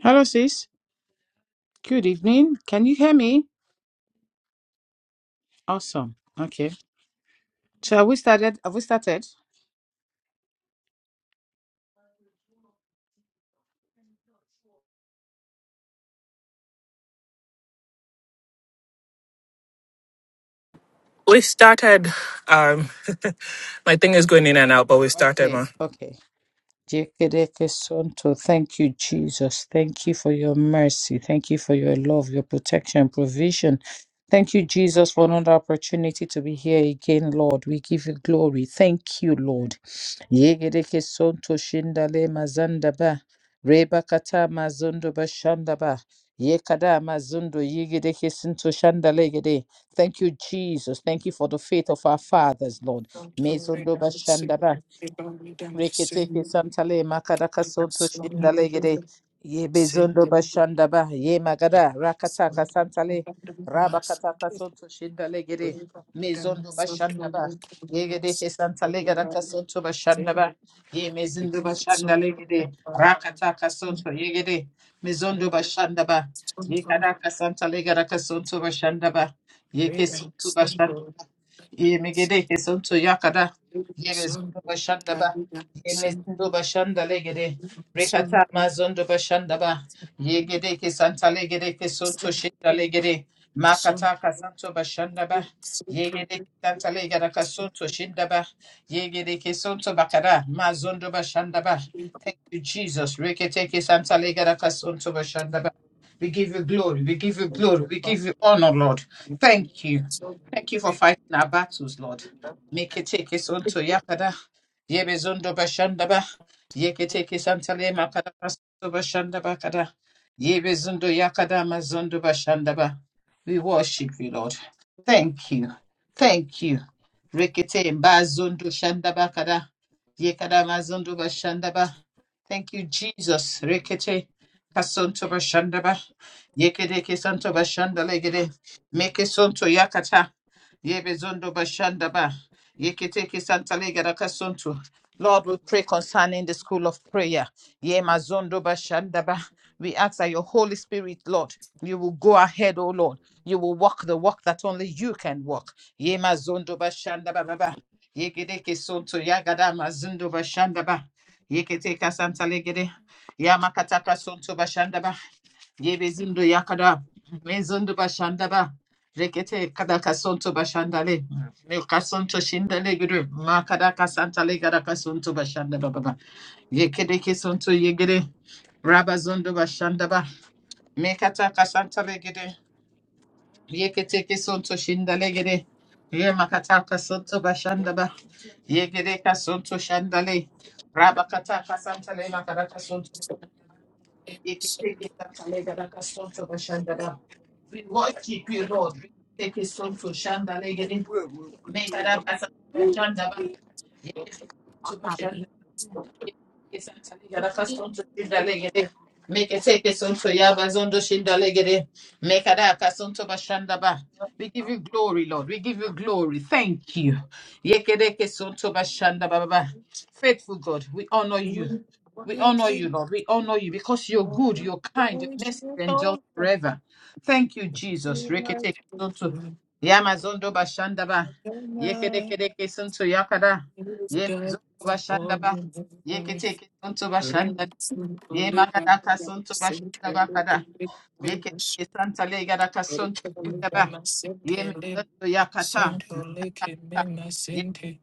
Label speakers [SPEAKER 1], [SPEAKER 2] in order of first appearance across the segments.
[SPEAKER 1] Hello, sis. Good evening. Can you hear me? Awesome. Okay. So have we started? Have we started?
[SPEAKER 2] We started. Um, my thing is going in and out, but we started,
[SPEAKER 1] Okay.
[SPEAKER 2] man.
[SPEAKER 1] Okay. Yekerekesanto. Thank you, Jesus. Thank you for your mercy. Thank you for your love, your protection, provision. Thank you, Jesus, for another opportunity to be here again, Lord. We give you glory. Thank you, Lord. Yekerekesanto shindale mazandaba. Reba kata mazundo bashandaba. Yekada mazundo yegerekesanto shandale gede. Thank you, Jesus. Thank you for the faith of our fathers, Lord. Mezundo bashandaba. Reketeke santale makadaka sonto shindalegede ye bezondo bashandaba ye magada rakataka santale rabakataka sonto shindalegede mezondo bashandaba yegede ke santale gadaka sonto bashandaba ye mezindo bashandalegede rakataka sonto yegede mezondo bashandaba ye kadaka santale gadaka sonto bashandaba ye ke sonto bashandaba ye megede ke sonto yakada ye mezondo bashandaba Yemezindo bashanda legede. Rekata mazondo bashanda ba. Yegede ke santa legede ke sonto shenda legede. Makata kasanto bashanda ba. Yegede ke santa legede kasonto shenda ba. Yegede ke sonto bakara mazondo bashanda ba. Thank you, Jesus. Rekete ke santa legede kasonto bashanda ba. We give you glory. We give you glory. We give you honor, Lord. Thank you. Thank you for fighting our battles, Lord. Make it take us unto Yakada. Yebezondo Bashandaba, Yeketeke Santale Makadamazondo Bashandaba Kada, Yebezondo Yakadamazondo Bashandaba. We worship you, Lord. Thank you. Thank you. Rekete Mbazondo Shandaba Kada, ye kada Yekadamazondo Bashandaba. Thank you, Jesus. Rekete Kasonto Bashandaba, Yekedeke Santo Bashandale Gede, Meke Sonto Yakata, Yebezondo Bashandaba. Yeketeke santalega rakasuntu. Lord, we pray concerning the school of prayer. Ye mazondo bashandaba. We ask that your Holy Spirit, Lord, you will go ahead, O Lord. You will walk the walk that only you can walk. Ye mazondo bashandaba baba. Yeketeke suntu yagada mazondo bashandaba. Yeketeka santalegede. Yamakataka suntu bashandaba. Yebezindu yakada. Mezundu başandaba. Rekete kada kasonto başandale. Me kasonto şindale gürü. Ma kada kasantale gara kasonto başandaba baba. Yekede kesonto yegere. Rabazundu başandaba. Me kata kasantale gede. Yeketeke sonto shindalegere? Ye makataka sonto bashandaba. Yegereka sonto shandale. Rabakataka santale makaraka sonto. Yeketeke santale garaka sonto bashandaba. We worship you, Lord. Yeketeke sonto shandale gere. Mekaraka santo shandaba. Yegereka sonto bashandaba. Yeketeke santale garaka sonto shindalegere? gere. Meketeke sonto yabazondo shindale gere. Mekadaka sonto bashandaba. We give you glory, Lord. We give you glory. Thank you. Yekedeke sonto bashandaba baba. Faithful God, we honor you. We honor you, Lord. We honor you because you're good, you're kind, your mercy endures forever. Thank you, Jesus. Reketeke sonto. Yamazondo bashandaba. Yekedekedeke sonto yakada. Yemezondo bashandaba. Yeketeke sonto bashandaba. Yemakadaka sonto bashandaba kada. Yekete santale yaraka sonto
[SPEAKER 2] Sunto
[SPEAKER 1] yindaba. Yemedoto yakata.
[SPEAKER 2] leke me
[SPEAKER 1] Yemedoto
[SPEAKER 2] masente,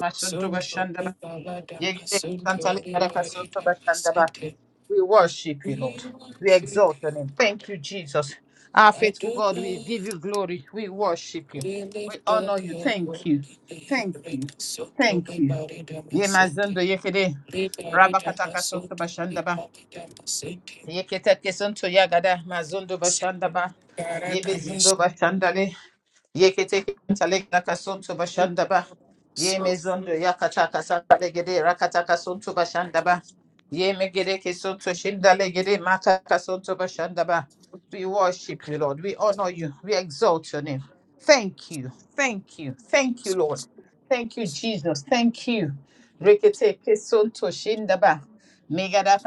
[SPEAKER 1] basonto
[SPEAKER 2] Sunto
[SPEAKER 1] bashandaba.
[SPEAKER 2] le balada
[SPEAKER 1] Yekete
[SPEAKER 2] masunto
[SPEAKER 1] santale
[SPEAKER 2] le
[SPEAKER 1] yaraka sonto
[SPEAKER 2] barida
[SPEAKER 1] bashandaba.
[SPEAKER 2] masente.
[SPEAKER 1] We worship you, Lord.
[SPEAKER 2] We
[SPEAKER 1] We
[SPEAKER 2] worship
[SPEAKER 1] exalt your
[SPEAKER 2] you,
[SPEAKER 1] name. Thank you, Jesus. Our faithful God, we
[SPEAKER 2] Adonai.
[SPEAKER 1] give you glory. We worship you.
[SPEAKER 2] We
[SPEAKER 1] We
[SPEAKER 2] lift
[SPEAKER 1] honor
[SPEAKER 2] up
[SPEAKER 1] you.
[SPEAKER 2] your
[SPEAKER 1] Thank you.
[SPEAKER 2] holy
[SPEAKER 1] Thank
[SPEAKER 2] name.
[SPEAKER 1] you.
[SPEAKER 2] Sunto
[SPEAKER 1] Thank
[SPEAKER 2] le
[SPEAKER 1] you.
[SPEAKER 2] barida masente,
[SPEAKER 1] Yemazondo yekede.
[SPEAKER 2] le barida
[SPEAKER 1] Rabakata kasonto
[SPEAKER 2] masunto le
[SPEAKER 1] bashandaba.
[SPEAKER 2] barida masente.
[SPEAKER 1] Yekete kesonto yagada. Mazondo
[SPEAKER 2] Sente
[SPEAKER 1] bashandaba.
[SPEAKER 2] barada masente.
[SPEAKER 1] Yebezindo bashandale. Yekete talega Ye
[SPEAKER 2] So,
[SPEAKER 1] mezondo yakata kasaka legede rakata kasuntu Ye megede kesuntu shinda legede maka kasuntu We worship you, Lord. We honor you. We exalt your name. Thank you. Thank you. Thank you,
[SPEAKER 2] so,
[SPEAKER 1] Lord.
[SPEAKER 2] so,
[SPEAKER 1] Thank you, Jesus. Thank you. Rekete kesuntu shinda ba. Megada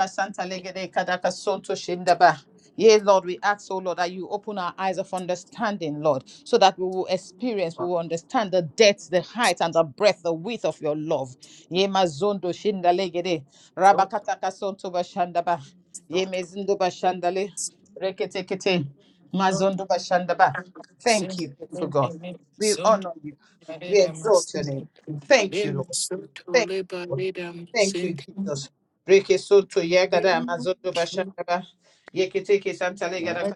[SPEAKER 1] legede kadaka suntu shinda Yea, Lord, we ask, oh Lord, that you open our eyes of understanding, Lord, so that we will experience, we will understand the depth, the height,
[SPEAKER 2] so,
[SPEAKER 1] and the breadth, the width of your love. Yea, mazondo shindalegede,
[SPEAKER 2] so,
[SPEAKER 1] rabakataka sonto bashandaba,
[SPEAKER 2] so,
[SPEAKER 1] yea, mezindo bashandale,
[SPEAKER 2] so.
[SPEAKER 1] reketekete,
[SPEAKER 2] Sente
[SPEAKER 1] mazondo bashandaba. Thank you, for God. We honor you. We exalt your name. Thank you, Lord. Thank you. Thank you, Jesus. Reke soto yagada mazoto bashandaba. Yeketeke santalegada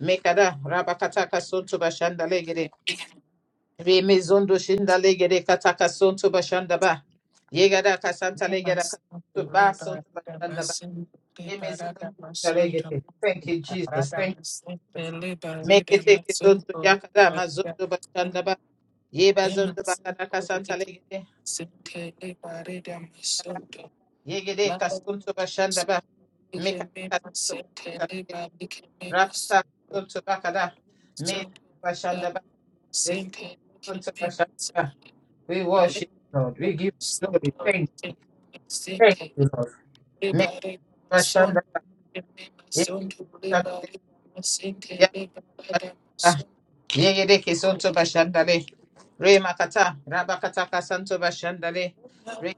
[SPEAKER 1] mekada rabakataka soto bashandalegede. Reme shindalegede kataka soto bashandaba. Yegada kasantalegada soto ba bashandaba. Reme shindalegede. Thank you, Jesus. Thank you. Meketeke soto yakada mazoto bashandaba. Yeba zondo bakada Yegede kasunto Mikata
[SPEAKER 2] Nikemema sentende ba nikemema
[SPEAKER 1] Rakata
[SPEAKER 2] sento
[SPEAKER 1] Tuntubakada Made
[SPEAKER 2] sento ba
[SPEAKER 1] Bashandaba
[SPEAKER 2] sente nikemema
[SPEAKER 1] Tuntubashanda. We
[SPEAKER 2] sentende ba
[SPEAKER 1] worship you, Lord. We give you glory.
[SPEAKER 2] sento
[SPEAKER 1] Thank you.
[SPEAKER 2] nikemema
[SPEAKER 1] Thank
[SPEAKER 2] sente
[SPEAKER 1] you, Lord.
[SPEAKER 2] leba
[SPEAKER 1] Make
[SPEAKER 2] reba
[SPEAKER 1] Bashanda
[SPEAKER 2] sento nikemema sento leba reba sente leba reba sento.
[SPEAKER 1] Yegedeke sonto bashandale. Re makata, rabakataka santo bashandale. Re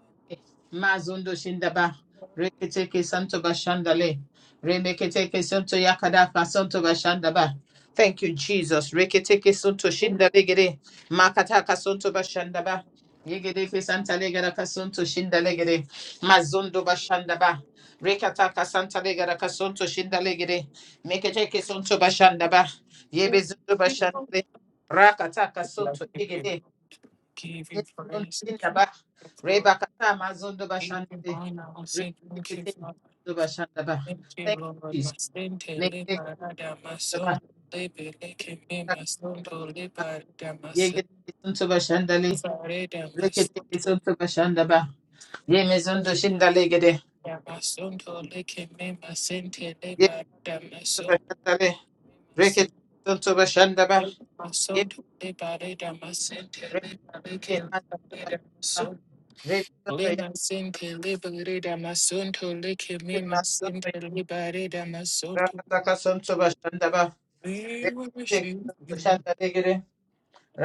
[SPEAKER 1] mazundo shindaba. Reketeke santo bashandale. Remeketeke santo yakadaka santo bashandaba. Thank you, Jesus. Reketeke santo shindale gere. Makataka santo bashandaba. Yegedeke santa legaraka santo shindale gere. Mazundo bashandaba. Rekataka santa legaraka santo shindale gere. Meketeke santo bashandaba. Yebezundo
[SPEAKER 2] Give
[SPEAKER 1] bashandre. Rakataka
[SPEAKER 2] you
[SPEAKER 1] sunto igede.
[SPEAKER 2] give you
[SPEAKER 1] Yebezundo
[SPEAKER 2] praise. Give
[SPEAKER 1] indaba.
[SPEAKER 2] you
[SPEAKER 1] Rebakata mazundo bashandre.
[SPEAKER 2] honor. Thank you,
[SPEAKER 1] Rebekete
[SPEAKER 2] Lord.
[SPEAKER 1] zundo bashandaba.
[SPEAKER 2] Thank you,
[SPEAKER 1] Thank you,
[SPEAKER 2] Lord.
[SPEAKER 1] Jesus.
[SPEAKER 2] Masente
[SPEAKER 1] Nekete
[SPEAKER 2] marada mason
[SPEAKER 1] zaba.
[SPEAKER 2] le bele keme mason to le
[SPEAKER 1] Rakata.
[SPEAKER 2] barada mason
[SPEAKER 1] Yegede sunto
[SPEAKER 2] le
[SPEAKER 1] bashandale.
[SPEAKER 2] barada mason
[SPEAKER 1] Rekete
[SPEAKER 2] to
[SPEAKER 1] sunto bashandaba. Yemezundo shindale gede.
[SPEAKER 2] barada mason to le keme masente
[SPEAKER 1] Yebezundo
[SPEAKER 2] barada mason le
[SPEAKER 1] bashandale.
[SPEAKER 2] keme
[SPEAKER 1] Rekete
[SPEAKER 2] mason
[SPEAKER 1] sunto bashandaba.
[SPEAKER 2] Mason
[SPEAKER 1] Yebezundo
[SPEAKER 2] to le barada masente le bele
[SPEAKER 1] bashandaba.
[SPEAKER 2] mason
[SPEAKER 1] Rebezundo
[SPEAKER 2] le
[SPEAKER 1] ya.
[SPEAKER 2] masente barada mason to le keme masente barada mason to
[SPEAKER 1] Rakataka sunto bashandaba.
[SPEAKER 2] we worship you.
[SPEAKER 1] Shanda Digiri,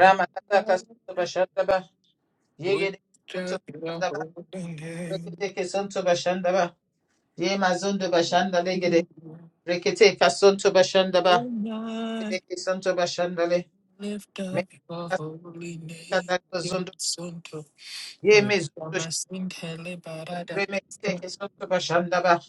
[SPEAKER 2] I
[SPEAKER 1] Santo Bashandaba,
[SPEAKER 2] lift
[SPEAKER 1] Yigiri Santo
[SPEAKER 2] up your
[SPEAKER 1] Bashandaba,
[SPEAKER 2] holy name.
[SPEAKER 1] Rikiteke Santo Bashandaba, Yema Zundo Bashanda Ligiri, Rikiteka Santo Bashandaba,
[SPEAKER 2] When I
[SPEAKER 1] Rikiteke Santo Bashandale,
[SPEAKER 2] lift up your
[SPEAKER 1] Mekada
[SPEAKER 2] holy name. Him
[SPEAKER 1] Zundo,
[SPEAKER 2] Sonto,
[SPEAKER 1] Yeme Zundo,
[SPEAKER 2] Lama Sinte Liberada,
[SPEAKER 1] Remekiteke Santo Bashandaba,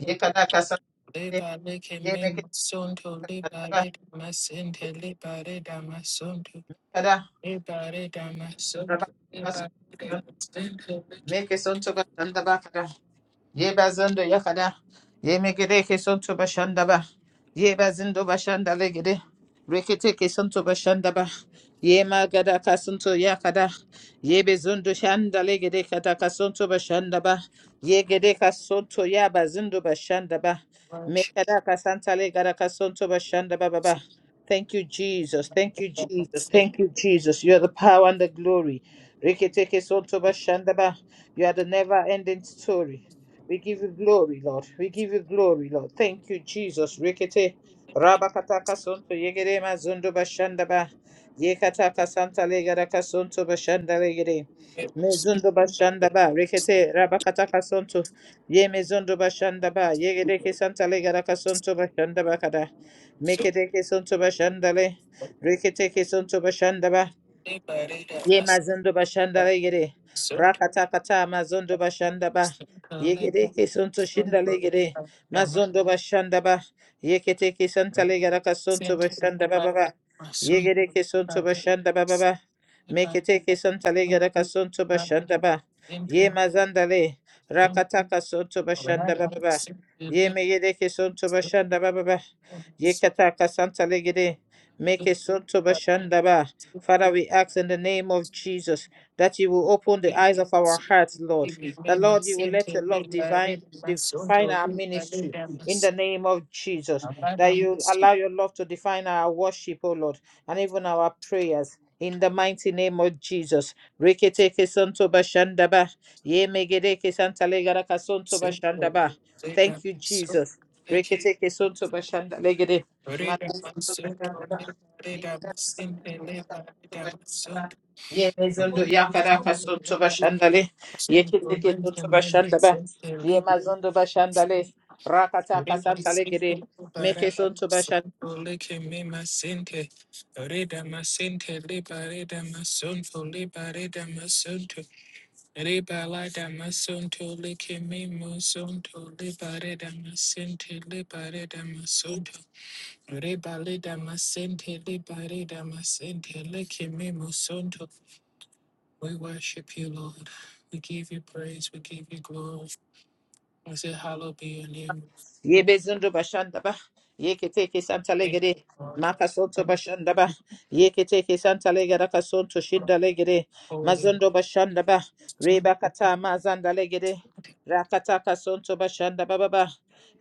[SPEAKER 1] Yekadaka Sante,
[SPEAKER 2] Libale
[SPEAKER 1] Yemekiteka
[SPEAKER 2] Keme Sonto,
[SPEAKER 1] Sandaba,
[SPEAKER 2] Libale Dama Sinte, Libale Dama Sonto,
[SPEAKER 1] Kada,
[SPEAKER 2] Libale Dama Sonto,
[SPEAKER 1] Rabaka
[SPEAKER 2] Libale Dama
[SPEAKER 1] Santo,
[SPEAKER 2] Sinte, Libale
[SPEAKER 1] Make Santo Bashandaba, Ye bazando yakada. Ye megede keson to bashanda ba. Ye bazindo bashanda legede. Rekete keson to bashanda ba. Ye magada kasunto yakada. Ye bezundo shanda legede kata kasunto bashanda ba. Ye gede kasunto ya bazindo bashanda ba. Mekada kasanta legada kasunto bashanda ba ba ba. Thank you, Jesus. Thank you, Jesus. Thank you, Jesus. You are the power and the glory. Rekete keson to bashanda ba. You are the never ending story. We give you glory, Lord. We give you glory, Lord. Thank you, Jesus. Rikete rabakataka sonto yegere mazondo bashandaba. Yekataka santa legaraka sonto bashanda legere.
[SPEAKER 2] Dama Sinte, Libale
[SPEAKER 1] Mezondo bashandaba. Rikete rabakataka sonto. Ye mezondo bashandaba. Yegereke santa legaraka sonto bashandaba kada.
[SPEAKER 2] Dama Sinte,
[SPEAKER 1] Meketeke sonto bashandale. Riketeke sonto bashandaba.
[SPEAKER 2] Same to
[SPEAKER 1] Ye mazondo bashanda legere. Rakata kata mazondo bashanda ba. Yegere ke sonto shinda legere. Mazondo bashanda ba. Yekete ke santa legere ka sonto bashanda
[SPEAKER 2] live,
[SPEAKER 1] ba
[SPEAKER 2] I
[SPEAKER 1] ba ba.
[SPEAKER 2] live my soul
[SPEAKER 1] Yegere
[SPEAKER 2] to
[SPEAKER 1] ke
[SPEAKER 2] live, I
[SPEAKER 1] sonto
[SPEAKER 2] live, I
[SPEAKER 1] bashanda ba ba ba. Mekete ke santa legere ka sonto bashanda ba. Ye mazanda le. Rakata ka sonto bashanda ba ba ba. Ye megere ke sonto bashanda ba ba ba. Yekata ka santa legere. Meke sonto bashanda ba. Father, we ask in the name of Jesus that you will open the eyes of our hearts, Lord. That, Lord, you will let your love divine, define our ministry in the
[SPEAKER 2] must.
[SPEAKER 1] name of Jesus.
[SPEAKER 2] I live,
[SPEAKER 1] That
[SPEAKER 2] I
[SPEAKER 1] you allow
[SPEAKER 2] must.
[SPEAKER 1] your love to define our worship, O Lord, and even our prayers. In the mighty name of Jesus. Reketeke sonto bashandaba. Yemegedeke santalegara kasonto
[SPEAKER 2] So
[SPEAKER 1] bashandaba.
[SPEAKER 2] they
[SPEAKER 1] Thank
[SPEAKER 2] can
[SPEAKER 1] you,
[SPEAKER 2] so
[SPEAKER 1] Jesus.
[SPEAKER 2] they can
[SPEAKER 1] Reketeke sonto bashandalegede. Mata
[SPEAKER 2] read a
[SPEAKER 1] sonto
[SPEAKER 2] master to
[SPEAKER 1] bashandaba.
[SPEAKER 2] me Reda
[SPEAKER 1] Yemegedeke
[SPEAKER 2] masente,
[SPEAKER 1] santalegaraka
[SPEAKER 2] reda
[SPEAKER 1] Yemezondo yakara fasoto bashandale. Yeketeke soto bashandaba. Yemazondo bashandale. Rakata kasantale gere. Meke
[SPEAKER 2] masente, reda masonto, reda reda masonto. Riba la damasunto leke me musunto libare damasente libare damasunto. Riba le damasente libare damasente leke me musunto. We worship you, Lord. We give you praise. We give you glory. I say, hallowed be your name.
[SPEAKER 1] Ye Yebezundo Bashandaba, Yeketeke Santa
[SPEAKER 2] Thank
[SPEAKER 1] Legere,
[SPEAKER 2] you, Lord.
[SPEAKER 1] Makasonto
[SPEAKER 2] Thank
[SPEAKER 1] Bashandaba,
[SPEAKER 2] you,
[SPEAKER 1] Yeketeke Santa Legara Casonto
[SPEAKER 2] Lord.
[SPEAKER 1] Shinda Legere,
[SPEAKER 2] Holy
[SPEAKER 1] Mazondo Bashandaba,
[SPEAKER 2] Son.
[SPEAKER 1] Reba
[SPEAKER 2] Thank you.
[SPEAKER 1] Kata
[SPEAKER 2] Lord.
[SPEAKER 1] Mazanda Legere, Rakata Casonto Bashandaba Baba,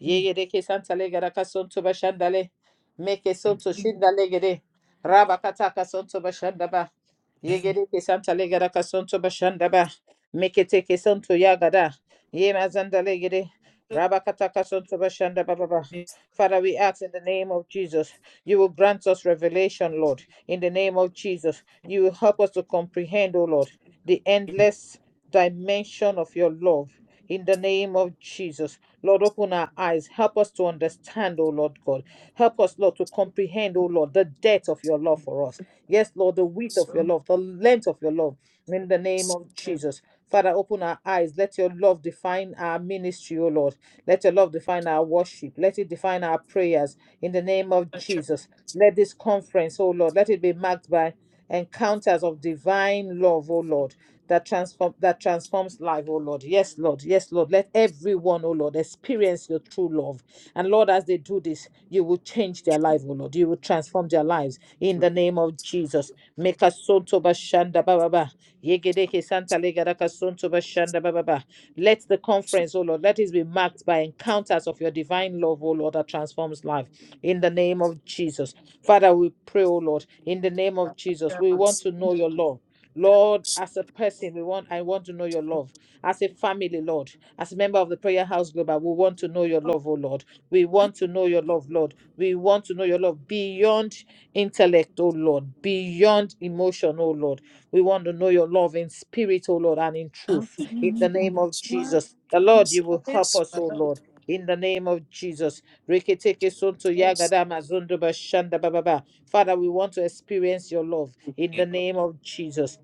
[SPEAKER 1] Yegereke Santa Legara Casonto Bashandale, Meke
[SPEAKER 2] Thank
[SPEAKER 1] Sonto
[SPEAKER 2] you.
[SPEAKER 1] Shinda Legere, Rabakata Casonto Bashandaba, Yegereke Santa Legara Casonto Bashandaba, Meketeke Santo Yagada, ye mazanda Legere, Rabakatakasuntubashandabababa.
[SPEAKER 2] Thank
[SPEAKER 1] Father, we ask in the name of Jesus, you will grant us revelation, Lord. In the name of Jesus, you will help us to comprehend, O Lord, the endless dimension of your love. In the name of Jesus, Lord, open our eyes. Help us to understand, O Lord God. Help us, Lord, to comprehend, O Lord, the depth of your love for us. Yes, Lord, the width of your love, the length of your love. In the name of
[SPEAKER 2] you.
[SPEAKER 1] Jesus. Father, open our eyes. Let your love define our ministry, O Lord. Let your love define our worship. Let it define our prayers in the name of
[SPEAKER 2] Thank you.
[SPEAKER 1] Jesus. Let this conference, oh Lord, let it be marked by encounters of divine love, oh Lord, that transform that transforms life, oh Lord. Yes, Lord. Yes, Lord. Let everyone, oh Lord, experience your true love. And Lord, as they do this, you will change their life, oh Lord. You will transform their lives in the name of Jesus. Make us son to bashanda baba. Yegedeke santa legadaka son to bashanda baba. Let the conference, oh Lord, let it be marked by encounters of your divine love, oh Lord, that transforms life. In the name of Jesus. Father, we pray, oh Lord, in the name of Jesus. We want to know your love. Lord, as a person, we want I want to know your love. As a family, Lord, as a member of the prayer house global, we want to know your love, oh Lord. We want to know your love, Lord. We want to know your love beyond intellect, oh Lord, beyond emotion, oh Lord we want to know your love in spirit, O Lord, and in truth. In the name of Jesus, the Lord, you will help us, O Lord. In the name of Jesus. Reketeke sonto yagada mazondo bashanda bababa. Father, we want to experience your love in the name of Jesus.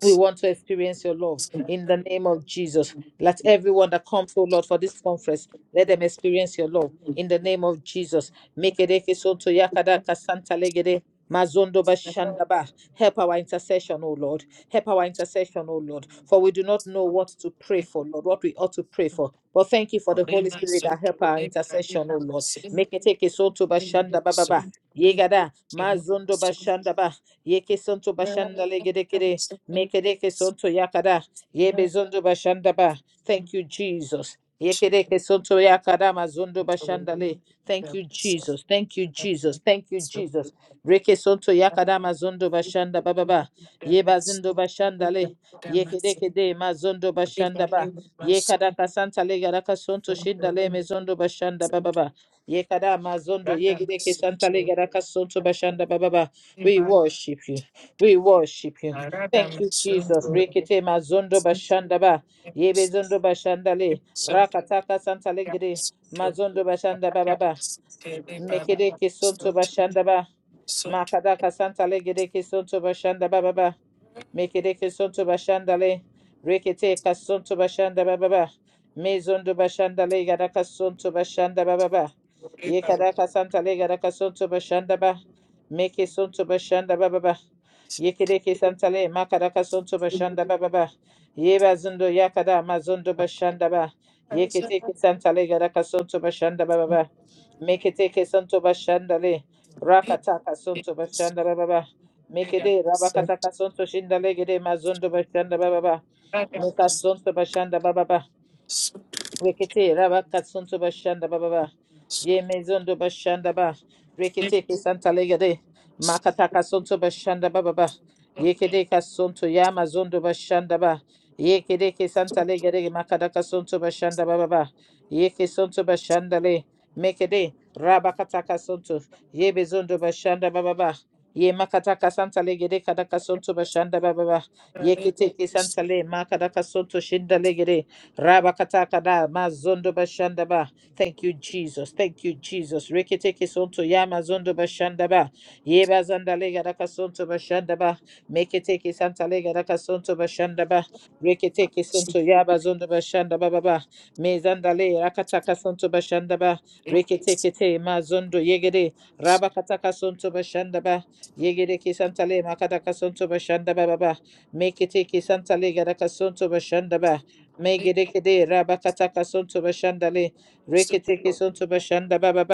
[SPEAKER 1] We want to experience your love in the name of Jesus. Let everyone that comes, oh Lord, for this conference, let them experience your love in the name of Jesus. Mekereke sonto yakada kasanta legede, mazondo bashandaba. Help our intercession, O Lord. Help our intercession, O Lord. For we do not know what to pray for, Lord, what we ought to pray for. But thank you for the Holy Spirit that help our intercession, O Lord. Meketeke sonto bashandaba baba. Yegada, mazondo bashandaba. Yeke sonto bashanda legede kede. Mekereke sonto yakada. Yebe zondo bashanda ba. Thank you, Jesus. Yekereke sonto yakada mazondo bashandale. Thank you, Jesus. Thank you, Jesus. Thank you, Jesus. Reke sonto yakada mazondo bashanda ba ba ba. Yeba zindo bashandale. Yekereke de mazondo bashanda ba. Yekada kasanta le garaka sonto shindale mezondo bashanda ba ba ba. Yekada mazondo yegereke santa le garaka sonto bashanda ba ba ba. We worship you. We worship you. Thank you, Jesus. Rekete mazondo bashandaba. Yebe zondo bashandale. Rakataka santalegede. Mazondo bashanda bababa. Mekede kesonto bashandaba. Makadaka santalegede kesonto bashanda bababa. Mekereke sonto bashandale. Rekete kasonto bashanda bababa. Mezondo bashandale garaka sonto bashanda bababa.
[SPEAKER 2] However, the rains ever
[SPEAKER 1] Yekaraka santale garaka sonto bashanda ba. Meke sonto bashanda bababa. Yekereke santale makaraka sonto bashanda bababa. Yeba zondo yakada mazondo bashanda ba. Yeketeke santale garaka sonto bashanda bababa. Meketeke sonto bashandale. Rakataka sonto bashanda bababa. Mekede rabakata kasonto shinda legede mazondo bashanda bababa. Meka sonto bashanda bababa. Rekete raba katsunto bashanda baba ba. Ye mezondo bashanda ba. Rekete ke santa legade. Makata kasunto bashanda baba ba. Ye kede kasunto ya mazondo bashanda ba. Ye kede ke santa legade makada kasunto bashanda baba ba. Ye ke sunto bashanda le. Mekede raba kata kasunto. Ye bezondo bashanda baba ba. Ye makata kasanta legede kada kasunto bashanda baba ba. Ye kete ke santa le makada kasunto shinda legede. Rabakatakada mazondo bashandaba. Thank you, Jesus. Thank you, Jesus. Reketeke sonto ya mazondo bashandaba. Yeba zandalega daka sonto bashandaba. Meketeke santalega daka sonto bashandaba. Reketeke sonto ya bazondo bashandaba baba. Mezandale rakataka sonto bashandaba. Reketeke te mazondo yegede. Rabakataka sonto bashandaba. Yegede ke santale makataka sonto bashandaba baba. Meketeke santalega daka sonto bashandaba. Megedekede Rabakataka Sunto Bashandale Reketeke Sunto Bashanda Baba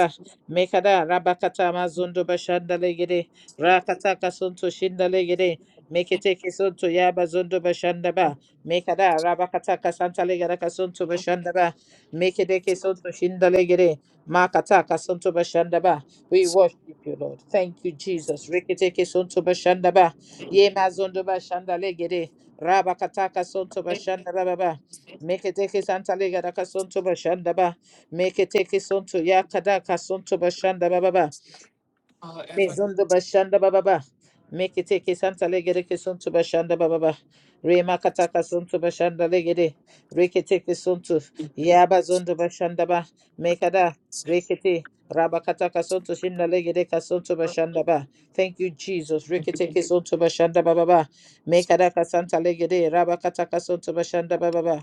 [SPEAKER 1] Mekada Rabakata Mazundo Bashandale Gede Rakataka Sunto Shindale Gede Meketeke Sunto Yaba Zundo Bashandaba Mekada Rabakataka Santale Gadaka Sunto Bashandaba Mekedeke Sunto Shindale Gede Makataka Sunto Bashandaba We worship you Lord Thank you Jesus Reketeke Sunto Bashandaba Yema Zundo Bashandale Gede Rabakataka Sunto Bashanda Baba Make it take Meketeke santale gada kasonto bashanda ba. Meketeke sonto yakada kasonto bashanda ba ba ba. Mezondo bashanda ba ba ba. Meketeke santale gada kasonto bashanda ba ba ba. Rema kata kasonto bashanda legede. Reketeke sonto yaba zondo bashanda ba. Make Mekada rekete. Rabakata kasonto shinda legede kasonto bashanda ba. Thank you, Jesus. Reke take His Reketeke sonto bashanda ba ba ba. Mekada kasanta legede. Rabakata kasonto bashanda ba ba ba.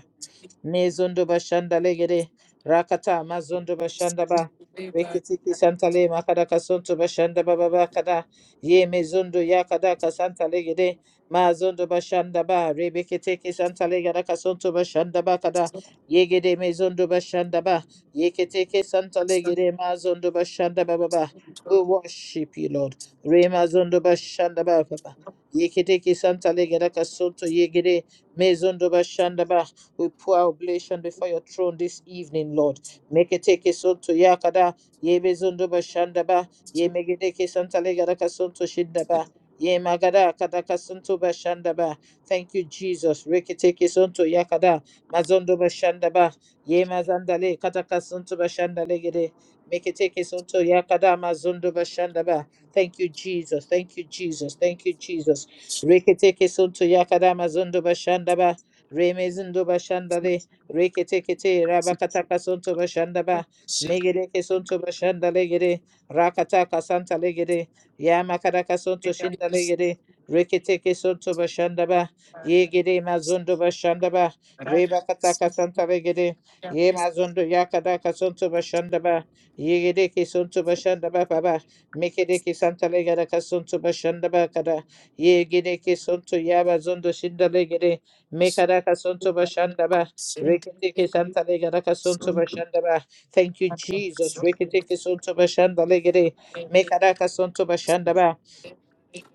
[SPEAKER 1] Mezondo bashanda legere rakata mazondo bashanda ba
[SPEAKER 2] lay by
[SPEAKER 1] reketiki santale makada kasonto bashanda ba baba bakada ye mezondo yakada kasanta legere mazondo bashanda ba rebeketeki santale gada kasonto bashanda bakada yegede mezondo bashanda ba yeketeke santale gere mazondo bashanda ba baba
[SPEAKER 2] the
[SPEAKER 1] we
[SPEAKER 2] control
[SPEAKER 1] worship you lord re mazondo bashanda ba baba yeketeki santale gada kasonto yegede mezondo bashanda ba we pour our oblation before your throne this evening, Lord. Make it take us unto Yakada, Ye Bezunduba Shandaba, Ye Megideke Santa Legadaka Sunto Shindaba. Ye magada kadaka sunto bashandaba. Thank you, Jesus. Reketeke sunto yakada. Mazondo bashandaba. Ye mazandale kadaka sunto bashandale gede. Meketeke sunto yakada mazondo bashandaba. Thank you, Jesus. Thank you, Jesus. Thank you, Jesus. Reketeke sunto yakada mazondo bashandaba. Remezindo Bashandale, Reketekete, Rabakataka Sonto Bashandaba, Megereke Sonto Bashanda Legere, Rakata Santa Legere, Yamakaraka Sonto Shinda
[SPEAKER 2] of
[SPEAKER 1] Legere,
[SPEAKER 2] the
[SPEAKER 1] Reketeke Sonto Bashandaba,
[SPEAKER 2] Soon,
[SPEAKER 1] Yegere Mazondo Bashandaba, Rebakataka Santa Legere, Ye Mazondo Yakadaka Sonto Bashandaba, Yegedeke Sonto Bashandaba Baba, Mekedeke Santa Legara Sonto Bashandaba Kada, Yegedeke Sonto Yabazondo Shinda Legere, Mekaraka sonto bashandaba. Reketeke santa legaraka sonto bashandaba. Thank you, Jesus. Reketeke sonto bashandaba legere. Mekaraka sonto bashandaba.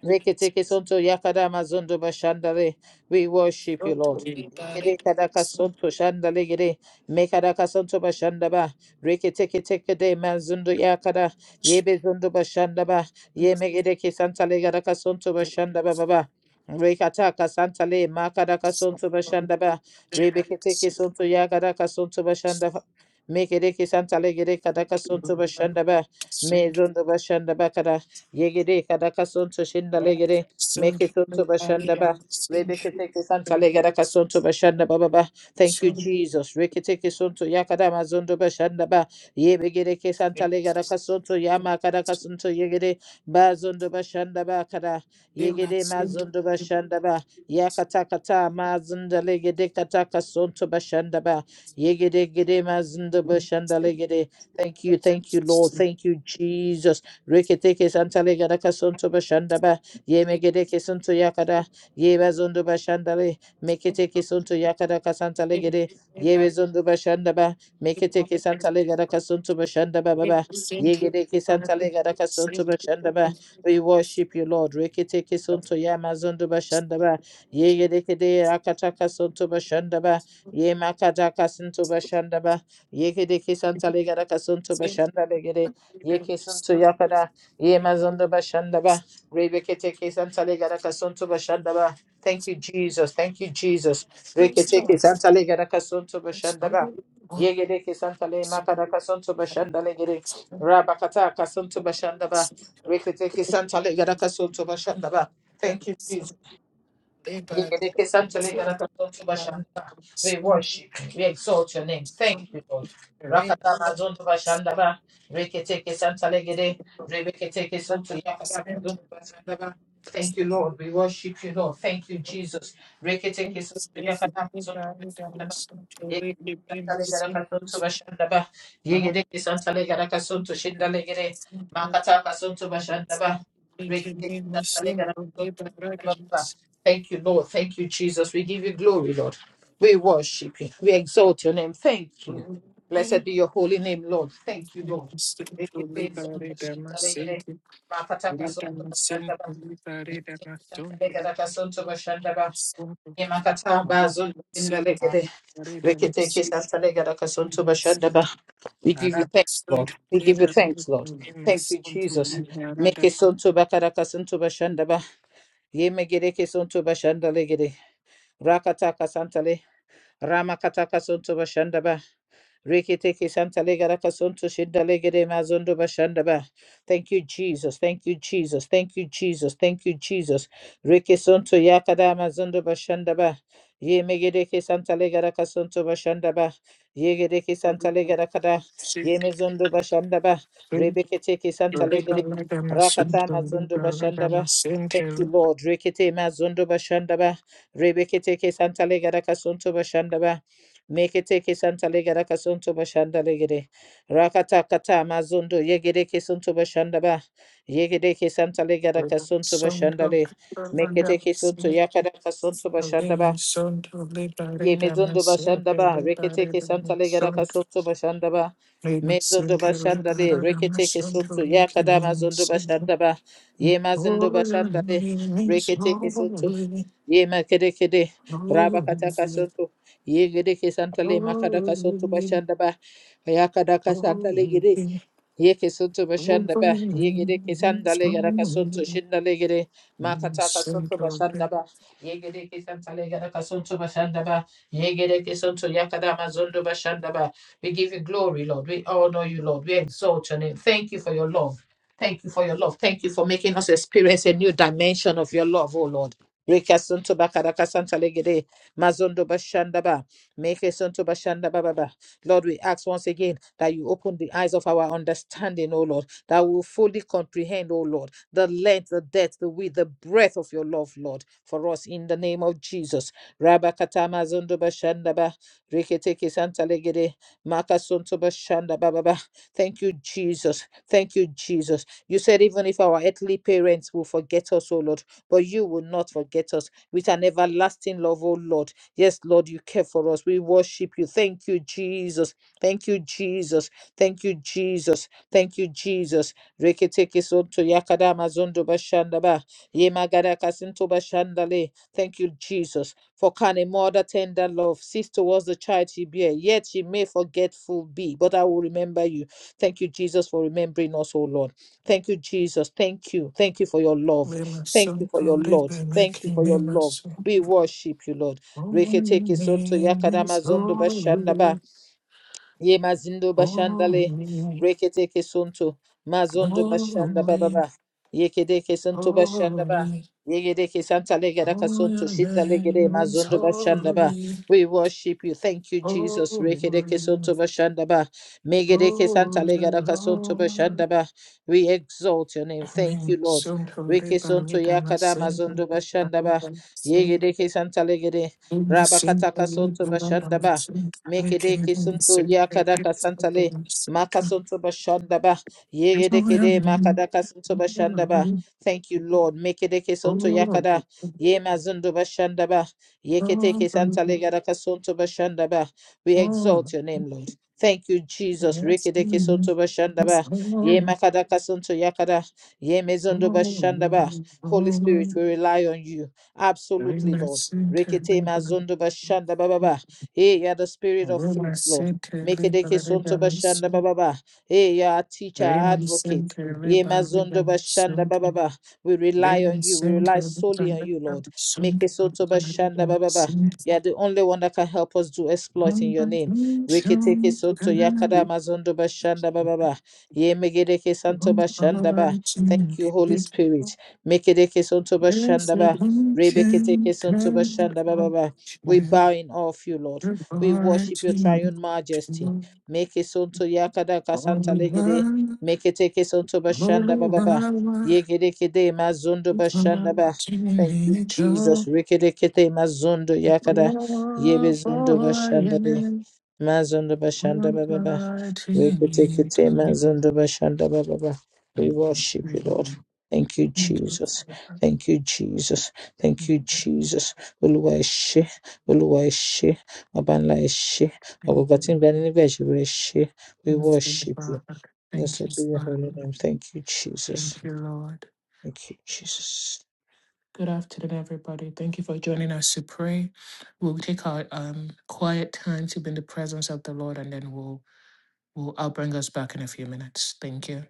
[SPEAKER 1] Reketeke sonto yakadama zondo bashandare. We worship you, Lord. Rekede kadaka sonto shandale gede. Mekadaka sonto bashandaba. Reketeke teke de manzundo yakada. Yebe zondo bashandaba. Ye megedeke santale gadaka sonto bashandaba baba. Rekataka santale makadaka sonto bashandaba. Rebeketeke sonto yakadaka sonto bashandaba. Mekedeke santale gede kadaka sonto bashandaba. Me zondo bashandaba kada. Yegere kadaka sonto shinda legere meke sonto bashanda ba rebeke teke santa legere kasonto bashanda ba ba ba. Thank you Jesus. Reke teke sonto yakada mazondo bashanda ba yebegere ke santa legere kasonto yama kadaka sonto yegere bazondo bashanda ba kada yegere mazondo bashanda ba yakata kata ma mazinda legere kataka sonto bashanda ba yegere gere mazindo
[SPEAKER 2] Thank
[SPEAKER 1] bashanda legere. Thank you, thank you, Lord. Thank you, Jesus. Reketeke santale gadaka sonto bashandaba. Ye megedeke sonto yakada. Ye bazondo bashandale. Meketeke sonto yakada kasantale gede. Ye bezondo bashandaba. Meketeke santale gadaka sonto bashandaba baba. Ye gedeke santale gadaka sonto bashandaba. We worship you, Lord. Reketeke sonto yamazondo bashandaba. Ye gedeke de akataka sonto bashandaba. Ye makataka sonto bashandaba. Ye gedeke santale gadaka sonto bashandale gede. Ye kesuntu yapara. Ye mazundu bashanda ba. Rebekete kesantale garaka suntu bashanda ba. Thank you, Jesus. Thank you, Jesus. Rekete kesantale garaka suntu bashanda ba. Ye gede kesantale makaraka suntu bashanda le gede. Rabakata kasuntu bashanda ba. Rekete kesantale garaka suntu bashanda ba. Thank you, Jesus. We
[SPEAKER 2] you.
[SPEAKER 1] worship, we exalt your name. Thank
[SPEAKER 2] Thank
[SPEAKER 1] you, Lord. Rakata mazondo bashanda ba, reketeke santa legede, rebeketeke santo yakata mazondo bashanda ba. Thank you, Lord. We worship you, Lord. Thank you, Jesus. Reketeke santo yakata mazondo bashanda ba. Yegede santa legede kasanto bashanda ba. Yegede santa legede kasanto shinda legede. Makata kasanto bashanda ba. Reketeke santa legede kasanto bashanda ba. Thank you, Lord. Thank you, Jesus. We give you glory, Lord. We worship you. We exalt your name. Thank you. Blessed be your holy name, Lord. Thank you, Lord. We give you
[SPEAKER 2] you. Liberator,
[SPEAKER 1] thanks, Lord. We give you thanks, Lord. Thank you, Jesus. Make it son to Bakaraka son to Bashandaba. Ye megere ke son to Rakataka Santale, Ramakataka Suntubashandaba, Rikitiki Santa Legarakasuntu Shindalegere Mazundu Bashandaba. Thank you, Jesus. Thank you, Jesus. Thank you, Jesus. Thank you, Jesus. Rikisuntu Yakada Mazundu Bashandaba. Ye Megedeke Santa Legarakasuntu Bashandaba. Yegedeke Santa Legarakada. Ye Mezundu Bashandaba. Rebeketeke Santa Legere. Rakata Mazundu Bashandaba. Thank you, Lord. Rikete Mazundu Bashandaba. Rebeketeke Santa Legarakasuntu Bashandaba. Mekete kesanta legera kasunto bashanda legere. Rakata kata mazundo yegere kesunto bashanda ba. Yegere kesanta legera kasunto bashanda le. Mekete kesunto yakara kasunto bashanda ba. Ye mezundo bashanda ba. Rekete kesanta legera kasunto bashanda ba. Mezundo bashanda le. Rekete kesunto yakada mazundo bashanda ba. Ye mazundo
[SPEAKER 2] Oh, your
[SPEAKER 1] bashanda le.
[SPEAKER 2] name is
[SPEAKER 1] Rekete kesunto
[SPEAKER 2] holy,
[SPEAKER 1] ye makede kede raba kata
[SPEAKER 2] holy,
[SPEAKER 1] kasanto ye gede ke santale makada kasanto
[SPEAKER 2] Holy,
[SPEAKER 1] bashanda ba ya kada
[SPEAKER 2] holy,
[SPEAKER 1] kasantale
[SPEAKER 2] holy
[SPEAKER 1] gede
[SPEAKER 2] is
[SPEAKER 1] Yeke suntu bashanda ba yegere kesanda le gara
[SPEAKER 2] holy.
[SPEAKER 1] kasuntu shinda le gere
[SPEAKER 2] Lema
[SPEAKER 1] makata kasuntu
[SPEAKER 2] sancare,
[SPEAKER 1] bashanda ba yegere kesanta le gara kasuntu bashanda ba yegere kesuntu yakada mazundu bashanda ba we give you glory lord we honor you lord we exalt your name thank you for your love thank you for your love thank you for making us experience a new dimension of your love oh lord Rekasuntu bakara kasanta le gere mazundo bashanda ba make suntu bashanda Baba. Lord, we ask once again that you open the eyes of our understanding, O Lord, that we will fully comprehend, O Lord, the length, the depth, the width, the breadth of your love, Lord, for us in the name of Jesus. Rabba katama zondo bashandaba, Riketeke santa legede, makasonto bashandaba baba. Thank you, Jesus. Thank you, Jesus. You said even if our earthly parents will forget us, O Lord, but you will not forget us with an everlasting love, O Lord. Yes, Lord, you care for us. We worship you. Thank you, Jesus. Thank you, Jesus. Thank you, Jesus. Thank you, Jesus. Reketeke sonto yakada mazondo bashandaba. Yemagada kasinto bashandale. Thank you, Jesus. For can a mother tender love cease towards the child she bear? Yet she may forgetful be, but I will remember you. Thank you, Jesus, for remembering us, O Lord. Thank you, Jesus. Thank you. Thank you for your love.
[SPEAKER 2] lema
[SPEAKER 1] Thank you for your
[SPEAKER 2] sancare,
[SPEAKER 1] Lord.
[SPEAKER 2] lema
[SPEAKER 1] Thank you for
[SPEAKER 2] king,
[SPEAKER 1] your
[SPEAKER 2] lema
[SPEAKER 1] love. We
[SPEAKER 2] sancare.
[SPEAKER 1] worship you, Lord.
[SPEAKER 2] Holy
[SPEAKER 1] Reketeke soto
[SPEAKER 2] name
[SPEAKER 1] yakarama
[SPEAKER 2] is
[SPEAKER 1] zondo bashanda ba.
[SPEAKER 2] holy,
[SPEAKER 1] Ye mazindo bashandale
[SPEAKER 2] holy,
[SPEAKER 1] rekete kesuntu mazondo bashanda
[SPEAKER 2] holy,
[SPEAKER 1] bababa yekede kesuntu bashanda ba
[SPEAKER 2] holy.
[SPEAKER 1] yegede kesanta legada
[SPEAKER 2] Holy
[SPEAKER 1] kasuntu shida legede
[SPEAKER 2] name is
[SPEAKER 1] mazondo bashanda ba
[SPEAKER 2] holy,
[SPEAKER 1] we worship you thank you jesus
[SPEAKER 2] holy,
[SPEAKER 1] rekede kesuntu bashanda ba megede kesanta
[SPEAKER 2] holy,
[SPEAKER 1] legada kasuntu
[SPEAKER 2] Lord.
[SPEAKER 1] bashanda ba we exalt your name thank you
[SPEAKER 2] Amen.
[SPEAKER 1] lord
[SPEAKER 2] Soon to read the
[SPEAKER 1] Rekesonto
[SPEAKER 2] rhythm and
[SPEAKER 1] yakada
[SPEAKER 2] sing the
[SPEAKER 1] mazondo bashanda ba
[SPEAKER 2] rhythm, sing
[SPEAKER 1] yegede kesanta legede
[SPEAKER 2] the sing
[SPEAKER 1] rabakata
[SPEAKER 2] the
[SPEAKER 1] kasuntu
[SPEAKER 2] rhythm
[SPEAKER 1] bashanda
[SPEAKER 2] and
[SPEAKER 1] ba
[SPEAKER 2] sing the
[SPEAKER 1] Mekedeke
[SPEAKER 2] rhythm,
[SPEAKER 1] suntu
[SPEAKER 2] sing the
[SPEAKER 1] yakadaka santale.
[SPEAKER 2] rhythm, sing
[SPEAKER 1] Maka suntu bashandaba.
[SPEAKER 2] the
[SPEAKER 1] Yegedekede makadaka suntu bashandaba.
[SPEAKER 2] rhythm.
[SPEAKER 1] Thank you, Lord. Mekedeke suntu
[SPEAKER 2] Oh,
[SPEAKER 1] yakada. Ye mazundu bashandaba. Yeketeke
[SPEAKER 2] oh,
[SPEAKER 1] santale gadaka suntu bashandaba. We
[SPEAKER 2] oh,
[SPEAKER 1] exalt your name, Lord. Thank you, Jesus.
[SPEAKER 2] yes,
[SPEAKER 1] Rekedeke
[SPEAKER 2] you,
[SPEAKER 1] suntu
[SPEAKER 2] yes,
[SPEAKER 1] bashandaba.
[SPEAKER 2] I know
[SPEAKER 1] Ye
[SPEAKER 2] you.
[SPEAKER 1] makadaka suntu yakada. Ye mezundu bashandaba.
[SPEAKER 2] Oh,
[SPEAKER 1] Holy Spirit,
[SPEAKER 2] oh,
[SPEAKER 1] we rely on you.
[SPEAKER 2] I
[SPEAKER 1] Absolutely, Lord.
[SPEAKER 2] must sing the
[SPEAKER 1] Rekete
[SPEAKER 2] rhythm.
[SPEAKER 1] mazundu bashandaba. Hey, you are the spirit of
[SPEAKER 2] Although I
[SPEAKER 1] fruits, Lord.
[SPEAKER 2] sit
[SPEAKER 1] Make it a bashanda bababa. Hey, you are a teacher,
[SPEAKER 2] Raymond
[SPEAKER 1] advocate.
[SPEAKER 2] Center,
[SPEAKER 1] Ye
[SPEAKER 2] Ribbon,
[SPEAKER 1] mazondo
[SPEAKER 2] Ribbon,
[SPEAKER 1] bashanda
[SPEAKER 2] Sunday.
[SPEAKER 1] bababa. We rely on
[SPEAKER 2] Raymond
[SPEAKER 1] you. We rely
[SPEAKER 2] Center,
[SPEAKER 1] solely
[SPEAKER 2] Ribbon,
[SPEAKER 1] on you, Lord.
[SPEAKER 2] Ribbon,
[SPEAKER 1] Make
[SPEAKER 2] Sunday.
[SPEAKER 1] it soto bashanda
[SPEAKER 2] Ribbon,
[SPEAKER 1] bababa.
[SPEAKER 2] Sunday.
[SPEAKER 1] You are the only one that can help us do exploit in
[SPEAKER 2] On
[SPEAKER 1] your
[SPEAKER 2] the
[SPEAKER 1] name.
[SPEAKER 2] future,
[SPEAKER 1] Riketeke
[SPEAKER 2] and
[SPEAKER 1] soto yakada
[SPEAKER 2] I
[SPEAKER 1] mazondo bashanda bababa. Ye megedeke santo
[SPEAKER 2] on the
[SPEAKER 1] bashanda ba.
[SPEAKER 2] lights
[SPEAKER 1] Thank
[SPEAKER 2] in
[SPEAKER 1] you,
[SPEAKER 2] the
[SPEAKER 1] Holy
[SPEAKER 2] middle.
[SPEAKER 1] Spirit. Make it a
[SPEAKER 2] There's
[SPEAKER 1] bashanda
[SPEAKER 2] the
[SPEAKER 1] ba.
[SPEAKER 2] dungeon,
[SPEAKER 1] Rebeketeke soto
[SPEAKER 2] turn it
[SPEAKER 1] bashanda
[SPEAKER 2] on.
[SPEAKER 1] bababa. We bow in awe of you, Lord.
[SPEAKER 2] The
[SPEAKER 1] We worship
[SPEAKER 2] lights
[SPEAKER 1] your
[SPEAKER 2] in
[SPEAKER 1] triune
[SPEAKER 2] the
[SPEAKER 1] majesty.
[SPEAKER 2] middle.
[SPEAKER 1] Make it unto Yakada
[SPEAKER 2] All
[SPEAKER 1] Kasanta
[SPEAKER 2] the
[SPEAKER 1] Legede.
[SPEAKER 2] while,
[SPEAKER 1] Make it take us unto
[SPEAKER 2] all
[SPEAKER 1] Bashanda Baba.
[SPEAKER 2] the
[SPEAKER 1] Yegede Kede Mazundo Bashanda Ba. Thank you,
[SPEAKER 2] while, I'm
[SPEAKER 1] Jesus. Rikede Kete Mazundo Yakada.
[SPEAKER 2] Oh
[SPEAKER 1] Yebezundo
[SPEAKER 2] boy, yeah.
[SPEAKER 1] Bashanda De. Mazundo Bashanda
[SPEAKER 2] One
[SPEAKER 1] Baba.
[SPEAKER 2] fly to me,
[SPEAKER 1] Rekete-kete
[SPEAKER 2] too.
[SPEAKER 1] mazondo bashanda baba ba. We
[SPEAKER 2] Thank
[SPEAKER 1] worship
[SPEAKER 2] you,
[SPEAKER 1] you, Lord.
[SPEAKER 2] Lord.
[SPEAKER 1] Thank you,
[SPEAKER 2] Thank you for
[SPEAKER 1] Jesus.
[SPEAKER 2] the fact
[SPEAKER 1] Thank you, Jesus. Thank
[SPEAKER 2] that you
[SPEAKER 1] you,
[SPEAKER 2] are
[SPEAKER 1] Jesus. Olúwa ẹ ṣé, Olúwa ẹ ṣé, Baba ńlá ẹ ṣé, àwọn ọba
[SPEAKER 2] here.
[SPEAKER 1] tí ń bẹ níbẹ̀ ìṣòro ẹ ṣé. We
[SPEAKER 2] Thank you,
[SPEAKER 1] worship you.
[SPEAKER 2] Father. Thank you,
[SPEAKER 1] Blessed be your
[SPEAKER 2] Father.
[SPEAKER 1] holy name. Thank you, Jesus.
[SPEAKER 2] Thank you, Lord.
[SPEAKER 1] Thank you, Jesus.
[SPEAKER 2] Good afternoon, everybody. Thank you for joining us to pray. We'll take our um, quiet time to be in the presence of the Lord, and then we'll, we'll I'll bring us back in a few minutes. Thank you.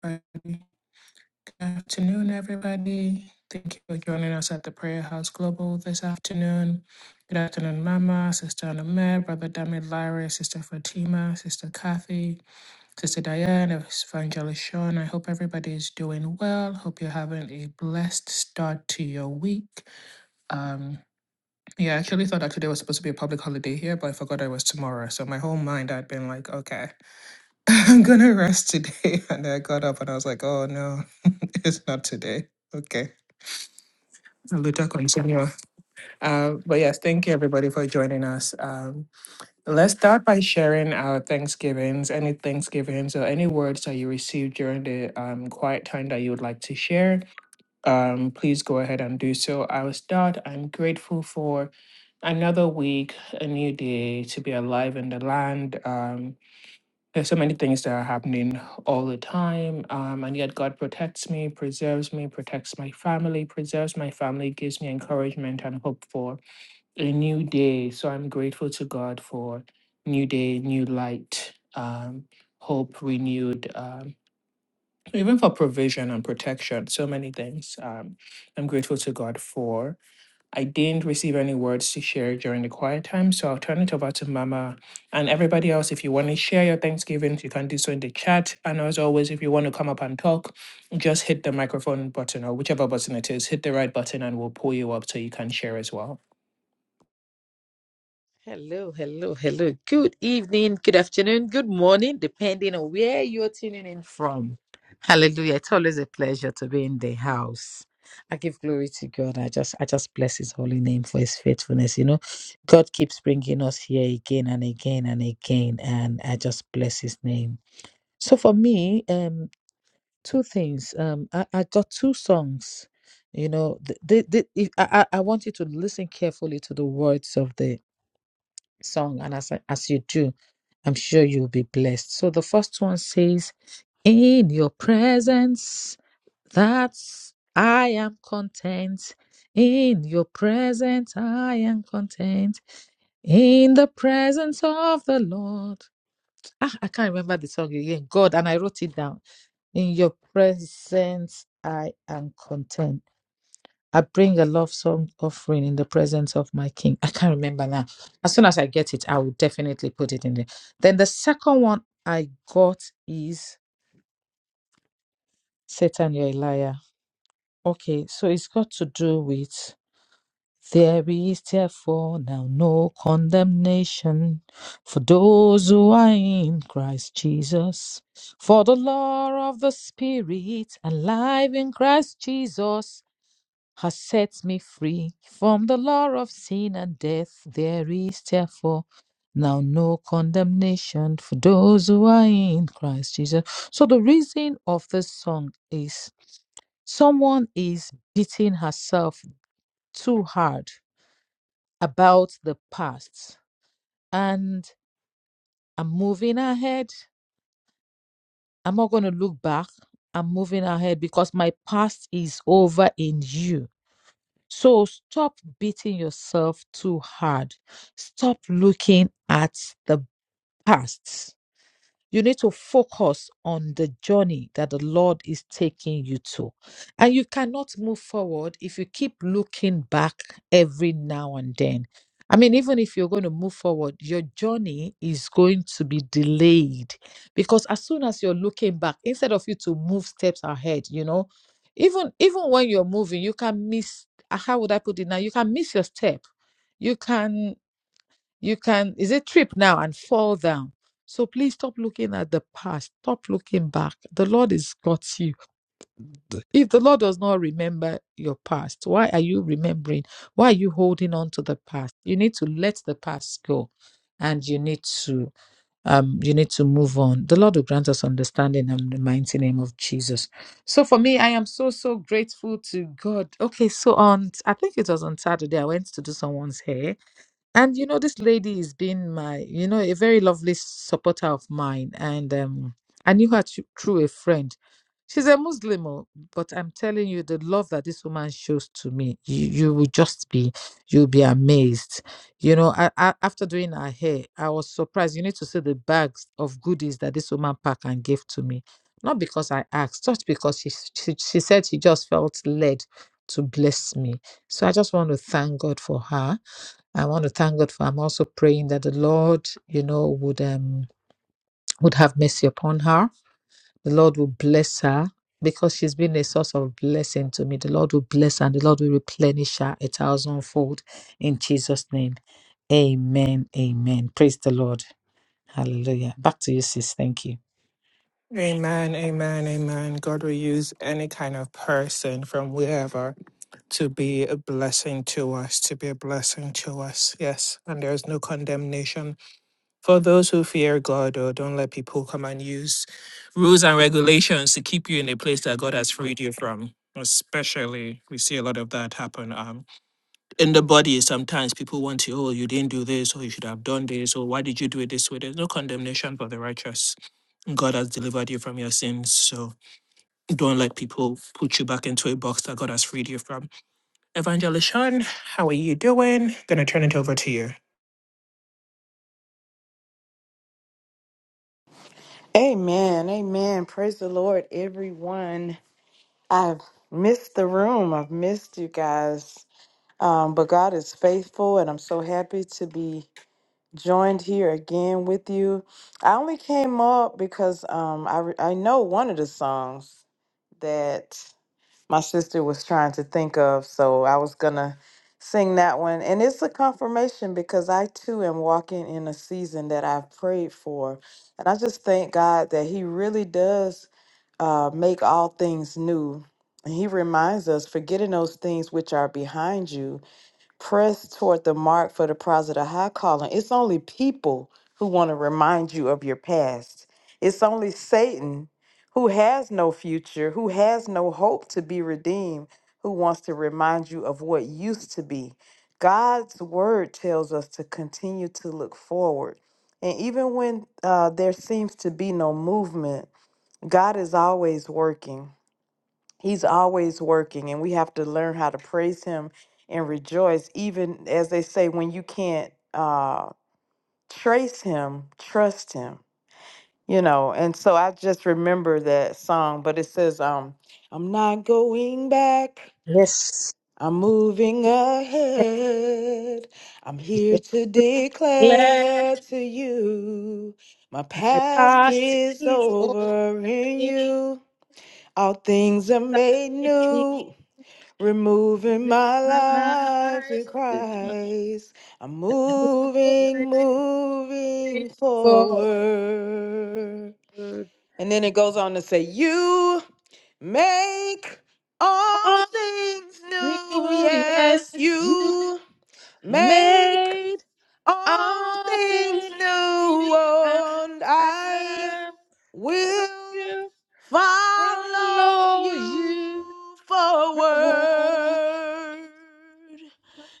[SPEAKER 2] Bye. Afternoon, everybody. Thank you for joining us at the Prayer House Global this afternoon. Good afternoon, Mama, Sister Anamed, Brother Damid Lyra, Sister Fatima, Sister Kathy, Sister Diane, Evangelist Sean. I hope everybody is doing well. Hope you're having a blessed start to your week. Um, yeah, I actually thought that today was supposed to be a public holiday here, but I forgot it was tomorrow. So my whole mind had been like, okay. I'm gonna rest today. And I got up and I was like, oh no, it's not today. Okay. Luta continua. Uh, but yes, thank you everybody for joining us. Um, let's start by sharing our Thanksgivings, any Thanksgivings or any words that you received during the um, quiet time that you would like to share. Um, please go ahead and do so. I will start. I'm grateful for another week, a new day to be alive in the land. Um, there's so many things that are happening all the time. Um, and yet God protects me, preserves me, protects my family, preserves my family, gives me encouragement and hope for a new day. So I'm grateful to God for new day, new light, um, hope renewed, um, even for provision and protection, so many things. Um, I'm grateful to God for. I didn't receive any words to share during the quiet time, so I'll turn it over to Mama and everybody else. If you want to share your Thanksgivings, you can do so in the chat. And as always, if you want to come up and talk, just hit the microphone button or whichever button it is, hit the right button and we'll pull you up so you can share as well.
[SPEAKER 1] Hello, hello, hello. Good evening, good afternoon, good morning, depending on where you're tuning in from. Hallelujah. It's always a pleasure to be in the house. I give glory to God. I just I just bless his holy name for his faithfulness. You know, God keeps bringing us here again and again and again and I just bless his name. So for me, um two things. Um I, I got two songs. You know, the, the, the, if- I, I I want you to listen carefully to the words of the song, and as, as you do, I'm sure you'll be blessed. So the first one says, In your presence, that's I am content. In your presence, I am content. In the presence of the Lord. Ah, I can't remember the song again. God, and I wrote it down. In your presence, I am content. I bring a love song offering in the presence of my king. I can't remember now. As soon as I get it, I will definitely put it in there. Then the second one I got is Satan, you're a liar. Okay, so it's got to do with there is therefore now no condemnation for those who are in Christ Jesus. For the law of the Spirit, alive in Christ Jesus has set me free from the law of sin and death. There is therefore now no condemnation for those who are in Christ Jesus. So, the reason of this song is someone is beating herself too hard about the past, and I'm moving ahead. I'm not going to look back. I'm moving ahead because my past is over in you So stop beating yourself too hard. Stop looking at the past you need to focus on the journey that the Lord is taking you to. And you cannot move forward if you keep looking back every now and then. I mean, even if you're going to move forward, your journey is going to be delayed because as soon as you're looking back, instead of you to move steps ahead, you know, even even when you're moving, you can miss. ah, How would I put it now? You can miss your step you can you can, is it trip now and fall down? So please stop looking at the past. Stop looking back. The Lord has got you. If the Lord does not remember your past, why are you remembering? Why are you holding on to the past? You need to let the past go and you need to um you need to move on. The Lord will grant us understanding in the mighty name of Jesus. So for me, I am so so grateful to God. Okay, so on I think it was on Saturday I went to do someone's hair and you know, this lady has been my, you know, a very lovely supporter of mine. And um, I knew her thr- through a friend. She's a Muslim, oh, but I'm telling you, the love that this woman shows to me, you, you will just be, you'll be amazed. You know, I, I, after doing her hair, I was surprised. You need to see the bags of goodies that this woman packed and gave to me. Not because I asked, just because she, s- she, she said she just felt led to bless me. So I just want to thank God for her I want to thank God for. I'm also praying that the Lord, you know, would um would have mercy upon her. The Lord will bless her because she's been a source of blessing to me. The Lord will bless her and the Lord will replenish her a thousandfold in Jesus' name. Amen. Amen. Praise the Lord. Hallelujah. Back to you, sis. Thank you.
[SPEAKER 2] Amen, amen, amen. God will use any kind of person from wherever to be a blessing to us, to be a blessing to us. Yes. And there is no condemnation for those who fear God, or don't let people come and use rules and regulations to keep you in a place that God has freed you from. Especially, we see a lot of that happen um, in the body. Sometimes people want to, oh, you didn't do this, or you should have done this, or why did you do it this way? There's no condemnation for the righteous. God has delivered you from your sins. So don't let people put you back into a box that God has freed you from Evangelishon, how are you doing? Gonna turn it over to you.
[SPEAKER 3] Amen. Amen. Praise the Lord, everyone. I've missed the room. I've missed you guys. Um, but God is faithful, and I'm so happy to be joined here again with you. I only came up because um, I, re- I know one of the songs. that my sister was trying to think of. So I was going to sing that one. And it's a confirmation because I too am walking in a season that I've prayed for. And I just thank God that He really does uh, make all things new. And He reminds us, forgetting those things which are behind you press toward the mark for the prize of the high calling. It's only people who want to remind you of your past. It's only Satan who has no future, who has no hope to be redeemed, who wants to remind you of what used to be. God's word tells us to continue to look forward. And even when uh, there seems to be no movement, God is always working. He's always working, and we have to learn how to praise Him and rejoice, even as they say, when you can't uh, trace Him, trust Him. You know, and so I just remember that song, but it says, um, I'm not going back.
[SPEAKER 1] Yes.
[SPEAKER 3] I'm moving ahead. I'm here to
[SPEAKER 1] Declare
[SPEAKER 3] declare to you my
[SPEAKER 1] my
[SPEAKER 3] past
[SPEAKER 1] past
[SPEAKER 3] is
[SPEAKER 1] is over.
[SPEAKER 3] over in
[SPEAKER 1] Think
[SPEAKER 3] you. All
[SPEAKER 1] of it
[SPEAKER 3] things are
[SPEAKER 1] that
[SPEAKER 3] made
[SPEAKER 1] made me
[SPEAKER 3] new. Removing
[SPEAKER 1] live
[SPEAKER 3] my
[SPEAKER 1] My
[SPEAKER 3] life in
[SPEAKER 1] life.
[SPEAKER 3] Christ. I'm
[SPEAKER 1] Moving,
[SPEAKER 3] moving,
[SPEAKER 1] moving
[SPEAKER 3] moving
[SPEAKER 1] forward.
[SPEAKER 3] forward. And then it goes on to say, You make all
[SPEAKER 1] All
[SPEAKER 3] things new.
[SPEAKER 1] new,
[SPEAKER 3] Yes,
[SPEAKER 1] yes, you
[SPEAKER 3] you make
[SPEAKER 1] made
[SPEAKER 3] all
[SPEAKER 1] all
[SPEAKER 3] things
[SPEAKER 1] things new.
[SPEAKER 3] new.
[SPEAKER 1] I,
[SPEAKER 3] And
[SPEAKER 1] I
[SPEAKER 3] I
[SPEAKER 1] love
[SPEAKER 3] will
[SPEAKER 1] you.
[SPEAKER 3] follow
[SPEAKER 1] Follow
[SPEAKER 3] you
[SPEAKER 1] you. forward.
[SPEAKER 3] forward.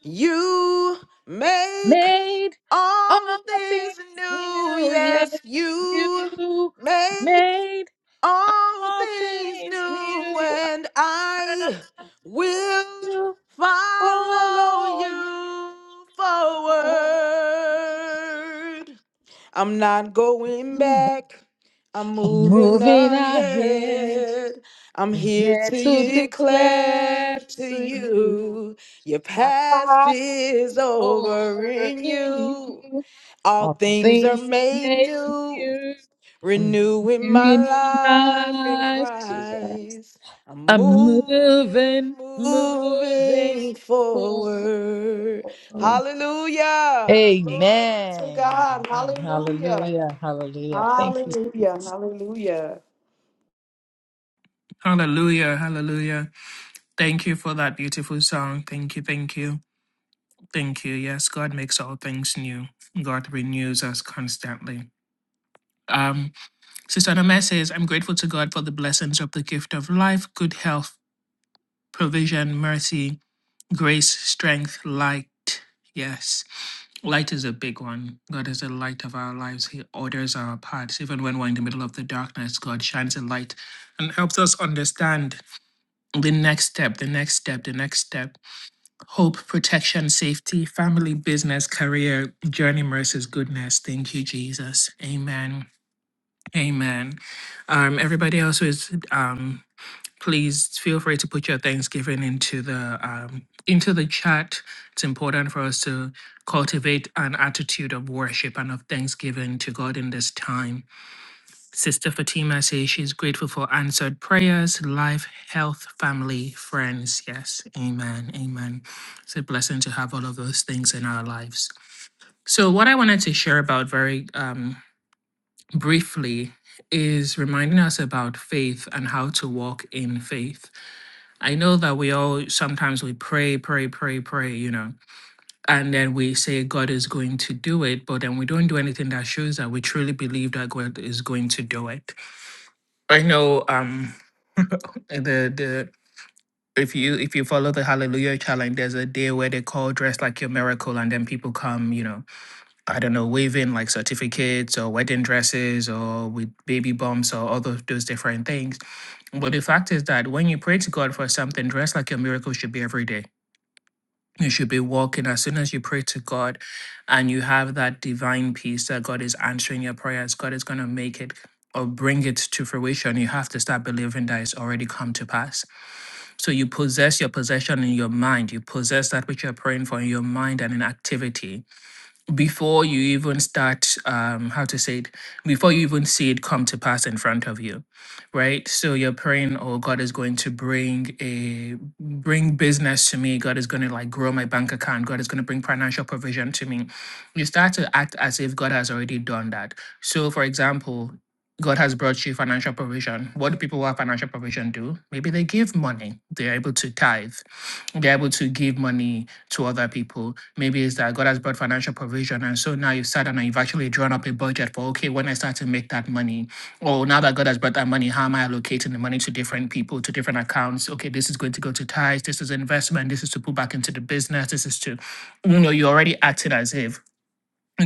[SPEAKER 3] You make
[SPEAKER 1] Made all
[SPEAKER 3] all things
[SPEAKER 1] things
[SPEAKER 3] new.
[SPEAKER 1] new. Yes,
[SPEAKER 3] Yes,
[SPEAKER 1] you
[SPEAKER 3] you make
[SPEAKER 1] made.
[SPEAKER 3] all
[SPEAKER 1] All
[SPEAKER 3] things
[SPEAKER 1] things
[SPEAKER 3] new,
[SPEAKER 1] new,
[SPEAKER 3] and I will
[SPEAKER 1] you
[SPEAKER 3] follow
[SPEAKER 1] follow
[SPEAKER 3] you forward. I'm not going
[SPEAKER 1] you.
[SPEAKER 3] back. I'm moving
[SPEAKER 1] Moving ahead,
[SPEAKER 3] ahead. I'm here
[SPEAKER 1] yet to
[SPEAKER 3] to declare
[SPEAKER 1] declare
[SPEAKER 3] to
[SPEAKER 1] to you,
[SPEAKER 3] you your past
[SPEAKER 1] past
[SPEAKER 3] is
[SPEAKER 1] is
[SPEAKER 3] over
[SPEAKER 1] over
[SPEAKER 3] in
[SPEAKER 1] in
[SPEAKER 3] you.
[SPEAKER 1] you.
[SPEAKER 3] All
[SPEAKER 1] All
[SPEAKER 3] things are
[SPEAKER 1] things have
[SPEAKER 3] made
[SPEAKER 1] made
[SPEAKER 3] new,
[SPEAKER 1] new. I'm
[SPEAKER 3] renewing
[SPEAKER 1] new
[SPEAKER 3] my
[SPEAKER 1] in
[SPEAKER 3] life in
[SPEAKER 1] my life to rise.
[SPEAKER 3] Christ. I'm
[SPEAKER 1] I'm
[SPEAKER 3] moving,
[SPEAKER 1] moving, moving
[SPEAKER 3] moving forward.
[SPEAKER 1] forward.
[SPEAKER 3] Hallelujah. Glory to
[SPEAKER 1] Amen.
[SPEAKER 3] God.
[SPEAKER 1] Amen.
[SPEAKER 3] Hallelujah.
[SPEAKER 1] Hallelujah. Hallelujah. Thank you.
[SPEAKER 3] Hallelujah. Hallelujah.
[SPEAKER 2] Hallelujah, hallelujah. Thank you for that beautiful song. Thank you, thank you, thank you. Yes, God makes all things new. God renews us constantly. Um, Sister Anna says, I'm grateful to God for the blessings of the gift of life, good health, provision, mercy, grace, strength, light. Yes. Light is a big one. God is the light of our lives. He orders our paths. Even when we're in the middle of the darkness, God shines a light and helps us understand the next step, the next step, the next step. Hope, protection, safety, family, business, career, journey, mercies, goodness. Thank you, Jesus. Amen. Amen. Um, everybody else who is um, please feel free to put your Thanksgiving into the um, into the chat. It's important for us to cultivate an attitude of worship and of thanksgiving to God in this time. Sister Fatima says she's grateful for answered prayers, life, health, family, friends. Yes, amen, amen. It's a blessing to have all of those things in our lives. So, what I wanted to share about very um, briefly is reminding us about faith and how to walk in faith I know that we all sometimes we pray, pray, pray, pray, you know, and then we say God is going to do it, but then we don't do anything that shows that we truly believe that God is going to do it. I know um the the if you if you follow the Hallelujah challenge, there's a day where they call dress like your miracle, and then people come, you know, I don't know, waving like certificates or wedding dresses or with baby bumps or all of those different things. But the fact is that when you pray to God for something, dress like your miracle should be every day you should be walking as soon as you pray to God and you have that divine peace that God is answering your prayers, God is going to make it or bring it to fruition. You have to start believing that it's already come to pass. So you possess your possession in your mind, you possess that which you're praying for in your mind and in activity before you even start um how to say it before you even see it come to pass in front of you right so you're praying oh god is going to bring a bring business to me god is going to like grow my bank account god is going to bring financial provision to me you start to act as if god has already done that so for example God has brought you financial provision. What do people who have financial provision do? Maybe they give money. They're able to tithe. They're able to give money to other people Maybe it's that God has brought financial provision. And so now you've sat down and you've actually drawn up a budget for, okay, when I start to make that money, or now that God has brought that money, how am I allocating the money to different people, to different accounts? Okay, this is going to go to tithes, this is investment, this is to put back into the business, this is to, you know, you're already acting as if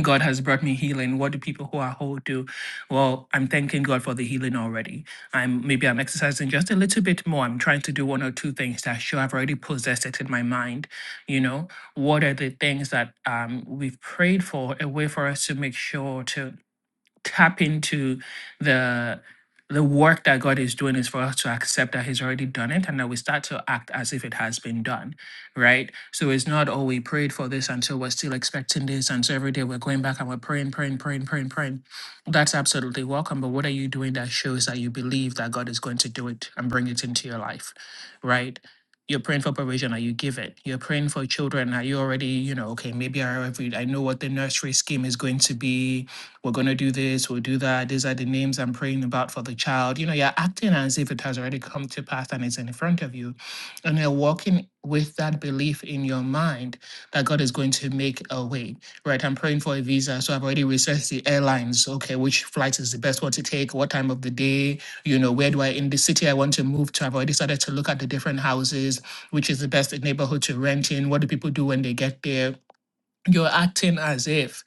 [SPEAKER 2] God has brought me healing. What do people who are whole do? Well, I'm thanking God for the healing already. I'm maybe I'm exercising just a little bit more. I'm trying to do one or two things that show I've already possessed it in my mind. You know, what are the things that um, we've prayed for? A way for us to make sure to tap into the the work that God is doing is for us to accept that He's already done it and that we start to act as if it has been done, right? So it's not, oh, we prayed for this and so we're still expecting this. And so every day we're going back and we're praying, praying, praying, praying, praying. That's absolutely welcome. But what are you doing that shows that you believe that God is going to do it and bring it into your life, right? You're praying for provision, are you give it? You're praying for children, are you already, you know, okay, maybe I already, I know what the nursery scheme is going to be we're going to do this, we'll do that. These are the names I'm praying about for the child. You know, you're acting as if it has already come to pass and it's in front of you. And you're walking with that belief in your mind that God is going to make a way, right? I'm praying for a visa. So I've already researched the airlines. Okay, which flight is the best one to take? What time of the day? You know, where do I, in the city I want to move to? I've already started to look at the different houses, which is the best neighborhood to rent in. What do people do when they get there? you're acting as if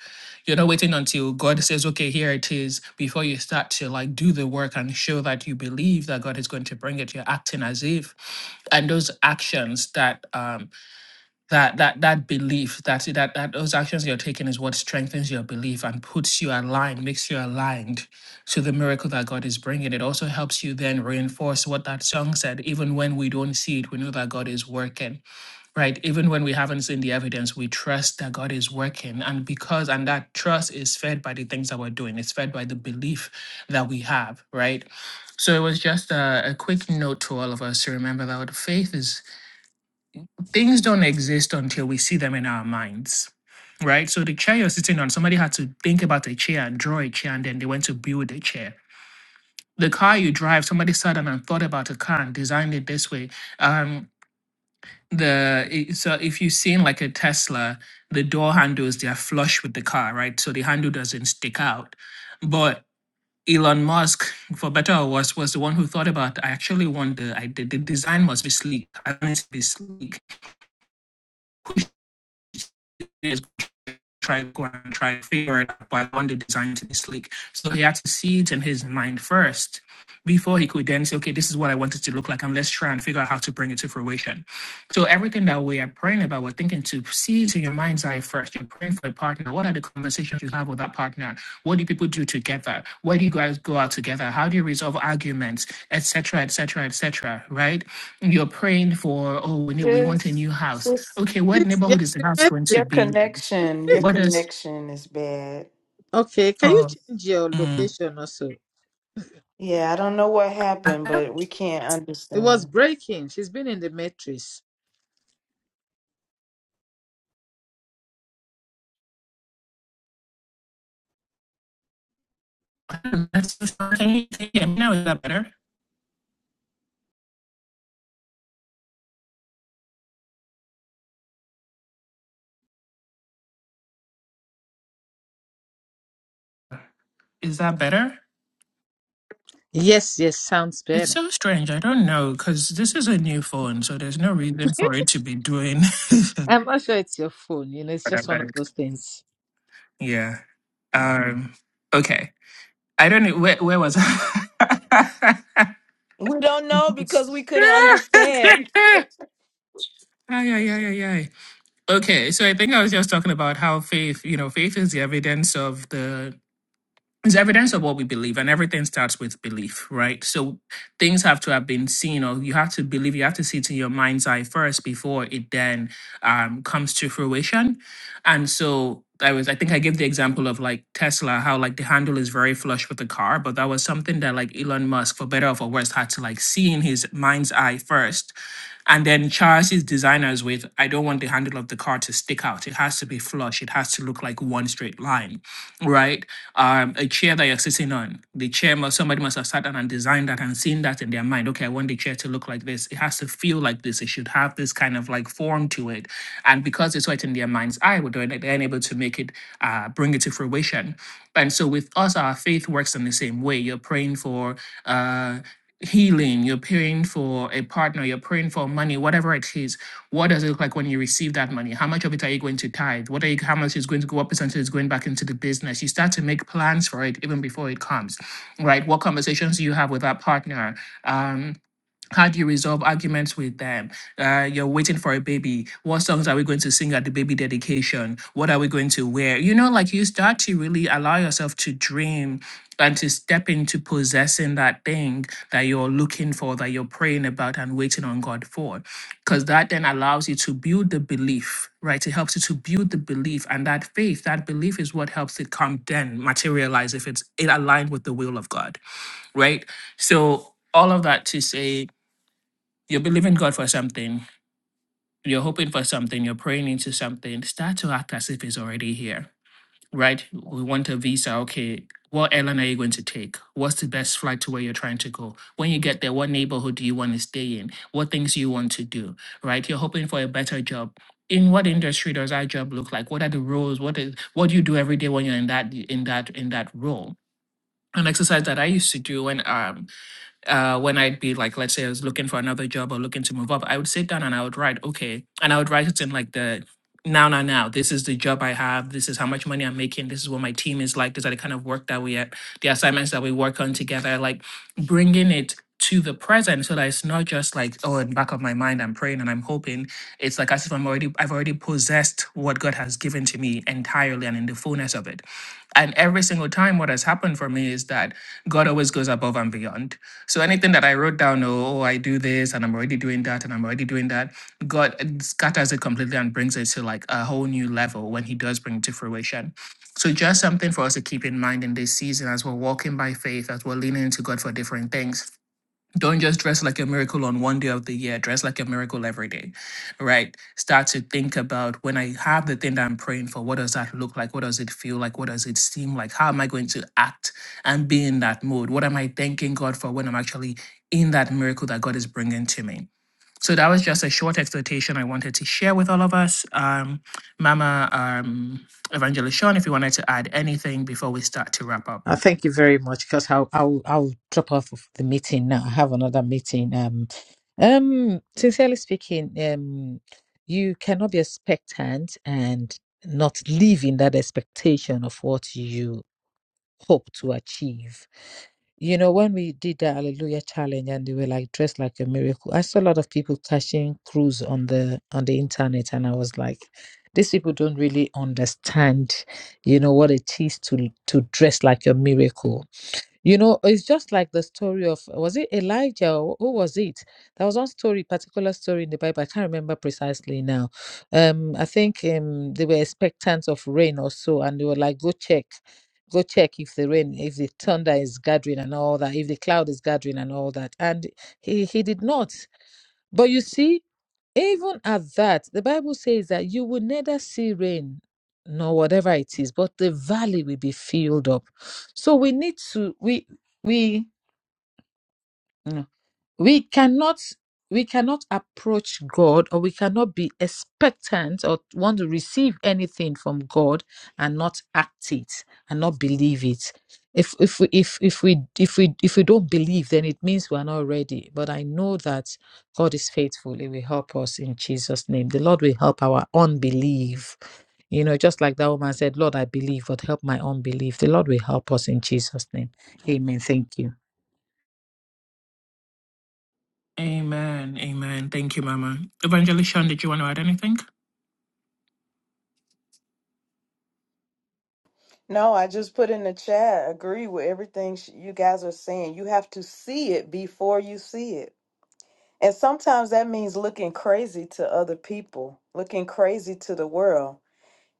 [SPEAKER 2] you're not waiting until God says, okay, here it is, before you start to like do the work and show that you believe that God is going to bring it. You're acting as if. And those actions that um that that that belief, that that that those actions you're taking is what strengthens your belief and puts you aligned, makes you aligned to the miracle that God is bringing. It also helps you then reinforce what that song said, even when we don't see it, we know that God is working right even when we haven't seen the evidence we trust that god is working and because and that trust is fed by the things that we're doing it's fed by the belief that we have right so it was just a, a quick note to all of us to remember that what faith is things don't exist until we see them in our minds right so the chair you're sitting on somebody had to think about a chair and draw a chair and then they went to build a chair the car you drive somebody sat down and thought about a car and designed it this way Um the so if you've seen like a Tesla, the door handles they are flush with the car, right? So the handle doesn't stick out. But Elon Musk, for better or worse, was the one who thought about. I actually want the I the, the design must be sleek. I want it to be sleek. try to go and try to figure it out, but I want the design to this league. So he had to see it in his mind first before he could then say, okay, this is what I want it to look like, and let's try and figure out how to bring it to fruition. So everything that we are praying about, we're thinking to see it in your mind's eye first. You're praying for a partner. What are the conversations you have with that partner? What do people do together? Where do you guys go out together? How do you resolve arguments, etc., etc., etc.? Right? And You're praying for oh, we need, we want a
[SPEAKER 3] Sis,
[SPEAKER 2] new house.
[SPEAKER 3] sis,
[SPEAKER 2] Okay, what
[SPEAKER 1] Please, yeah,
[SPEAKER 2] neighborhood is the
[SPEAKER 1] the
[SPEAKER 2] house going to
[SPEAKER 1] matrix.
[SPEAKER 3] your
[SPEAKER 2] be in?
[SPEAKER 3] connection, your
[SPEAKER 2] what is
[SPEAKER 3] connection is bad.
[SPEAKER 1] Okay, can you
[SPEAKER 2] called.
[SPEAKER 1] change your
[SPEAKER 2] Mm.
[SPEAKER 1] location also?
[SPEAKER 3] Yeah, I don't know what
[SPEAKER 2] I
[SPEAKER 3] happened, but we can't
[SPEAKER 1] It was
[SPEAKER 3] understand.
[SPEAKER 1] breaking. She's been in the matrix.
[SPEAKER 2] don't know. That's just- Can you can you hear me now? Is that better? Is that better?
[SPEAKER 1] Yes, yes, sounds
[SPEAKER 2] It's
[SPEAKER 1] better.
[SPEAKER 2] so strange. I don't know because this is a new phone, so there's no reason for it to be doing.
[SPEAKER 1] I'm not sure it's your phone. You know, it's just one of those things.
[SPEAKER 2] yeah. Um. Okay. I don't know where. Where was I?
[SPEAKER 3] We don't know because we couldn't understand.
[SPEAKER 2] Ay, ay, ay, ay, ay. Okay, so I think I was just talking about how faith, you know, faith is the evidence of the It's evidence of what we believe, and everything starts with belief, right? So things have to have been seen, or you have to believe, you have to see it in your mind's eye first before it then um, comes to fruition. And so I was, I think I gave the example of like Tesla, how like the handle is very flush with the car, but that was something that like Elon Musk, for better or for worse, had to like see in his mind's eye first and then Charles is designers with, I don't want the handle of the car to stick out. It has to be flush. It has to look like one straight line, right? Um, a chair that you're sitting on, the chair must, somebody must have sat down and designed that and seen that in their mind. Okay, I want the chair to look like this. It has to feel like this. It should have this kind of like form to it. And because it's right in their mind's eye, we're doing it, they're able to make it, uh, bring it to fruition. And so with us, our faith works in the same way. You're praying for, uh, healing you're praying for a partner, you're praying for money, whatever it is, what does it look like when you receive that money? How much of it are you going to tithe? What are you, how much is going to go, what percentage is going back into the business? You start to make plans for it even before it comes, right? What conversations do you have with that partner? Um, how do you resolve arguments with them? Uh, you're waiting for a baby. What songs are we going to sing at the baby dedication? What are we going to wear? You know, like you start to really allow yourself to dream and to step into possessing that thing that you're looking for, that you're praying about and waiting on God for. Because that then allows you to build the belief, right? It helps you to build the belief and that faith, that belief is what helps it come then materialize if it's it aligned with the will of God, right? So all of that to say, you believe in God for something, you're hoping for something, you're praying into something, start to act as if it's already here, right? We want a visa. Okay. What airline are you going to take? What's the best flight to where you're trying to go? When you get there, what neighborhood do you want to stay in? What things you want to do, right? You're hoping for a better job. In what industry does that job look like? What are the roles? What is what do you do every day when you're in that in that in that role? An exercise that I used to do when um uh, when I'd be like, let's say I was looking for another job or looking to move up, I would sit down and I would write, okay, and I would write it in like the now, now, now. This is the job I have. This is how much money I'm making. This is what my team is like. These are the kind of work that we at the assignments that we work on together. Like bringing it to the present so that it's not just like, oh, in the back of my mind, I'm praying and I'm hoping. It's like as if I'm already, I've already possessed what God has given to me entirely and in the fullness of it. And every single time, what has happened for me is that God always goes above and beyond so anything that I wrote down, oh, oh, I do this and I'm already doing that and I'm already doing that, God uh, scatters it completely and brings it to like a whole new level when He does bring it to fruition. So just something for us to keep in mind in this season as we're walking by faith, as we're leaning into God for different things don't just dress like a miracle on one day of the year, dress like a miracle every day, right? Start to think about when I have the thing that I'm praying for, what does that look like? What does it feel like? What does it seem like? How am I going to act and be in that mode? What am I thanking God for when I'm actually in that miracle that God is bringing to me? So that was just a short exhortation I wanted to share with all of us. Um, Mama um, Evangelist Sean, if you wanted to add anything before we start to wrap up.
[SPEAKER 1] Uh, thank you very much because I'll, I'll I'll drop off of the meeting now. I have another meeting. Um, um, sincerely speaking, um, you cannot be expectant and not live in that expectation of what you hope to achieve. You know, when we did the Hallelujah Challenge and they were like dressed like a miracle, I saw a lot of people cashing crews on the on the internet, and I was like, these people don't really understand, you know, what it is to to dress like a miracle you know, it's just like the story of was it Elijah or who was it? There was one story, particular story in the Bible. I can't remember precisely now. Um, I think um they were expectant of rain or so, and they were like, "Go check, go check if the rain, if the thunder is gathering and all that, if the cloud is gathering and all that." And he he did not. But you see, even at that, the Bible says that you will neither see rain nor whatever it is, but the valley will be filled up. So we need to we we no we cannot we cannot approach god or we cannot be expectant or want to receive anything from god and not act it and not believe it if if we if, if we if we if we don't believe then it means we are not ready but i know that god is faithful he will help us in jesus name the lord will help our unbelief you know just like that woman said lord i believe but help my unbelief the lord will help us in jesus name amen thank you
[SPEAKER 2] Amen. Amen. Thank you, Mama. Evangelist Shaun, did you want to add anything?
[SPEAKER 3] No, I just put in the chat, agree with everything sh- you guys are saying. You have to see it before you see it. And sometimes that means looking crazy to other people, looking crazy to the world.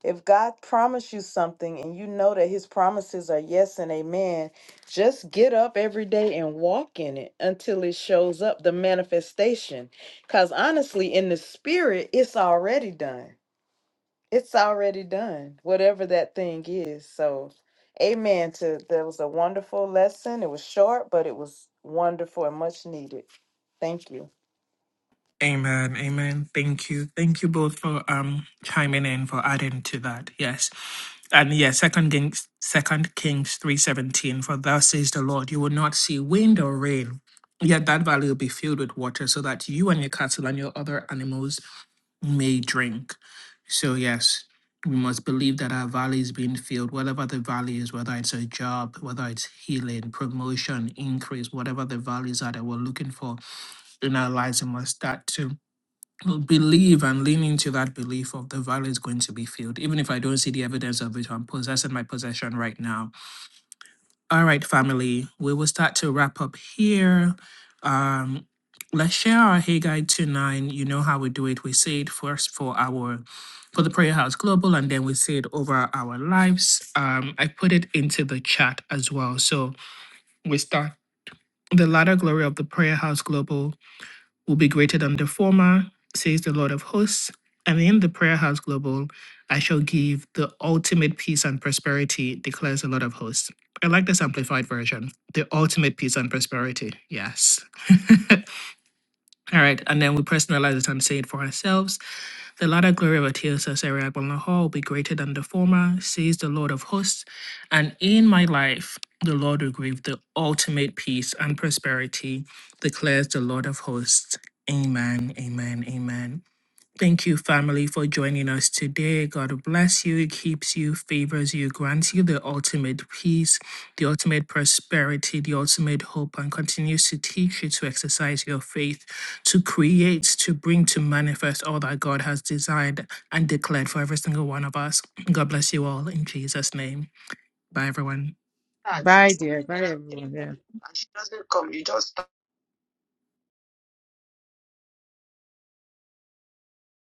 [SPEAKER 3] If God promised you something and you know that his promises are yes and amen, just get up every day and walk in it until it shows up, the manifestation. Because honestly, in the spirit, it's already done. It's already done, whatever that thing is. So, amen. To that was a wonderful lesson. It was short, but it was wonderful and much needed. Thank you.
[SPEAKER 2] Amen. Amen. Thank you. Thank you both for um chiming in for adding to that. Yes. And yes, second Kings second Kings three seventeen, for thus says the Lord, you will not see wind or rain. Yet that valley will be filled with water, so that you and your cattle and your other animals may drink. So, yes, we must believe that our valley is being filled, whatever the valley is, whether it's a job, whether it's healing, promotion, increase, whatever the values are that we're looking for in our lives, we must start to believe and lean into that belief of the valley is going to be filled. Even if I don't see the evidence of it, I'm possessing my possession right now. All right, family, we will start to wrap up here. Um, let's share our Haggai 2 9. You know how we do it. We say it first for our for the Prayer House Global, and then we say it over our lives. Um, I put it into the chat as well. So we start the latter glory of the Prayer House Global will be greater than the former, says the Lord of hosts. And in the prayer house global, I shall give the ultimate peace and prosperity, declares the Lord of hosts. I like this amplified version. The ultimate peace and prosperity. Yes. All right. And then we personalize it and say it for ourselves. The latter glory of Artaxerxes Ariabel-Nahor will be greater than the former, says the Lord of hosts. And in my life, the Lord will give the ultimate peace and prosperity, declares the Lord of hosts. Amen, amen, amen. Thank you, family, for joining us today. God bless you, keeps you, favors you, grants you the ultimate peace, the ultimate prosperity, the ultimate hope, and continues to teach you to exercise your faith, to create, to bring to manifest all that God has designed and declared for every single one of us. God bless you all in Jesus' name. Bye, everyone.
[SPEAKER 1] Bye, dear. Bye, and everyone. Yeah. And she doesn't come. You just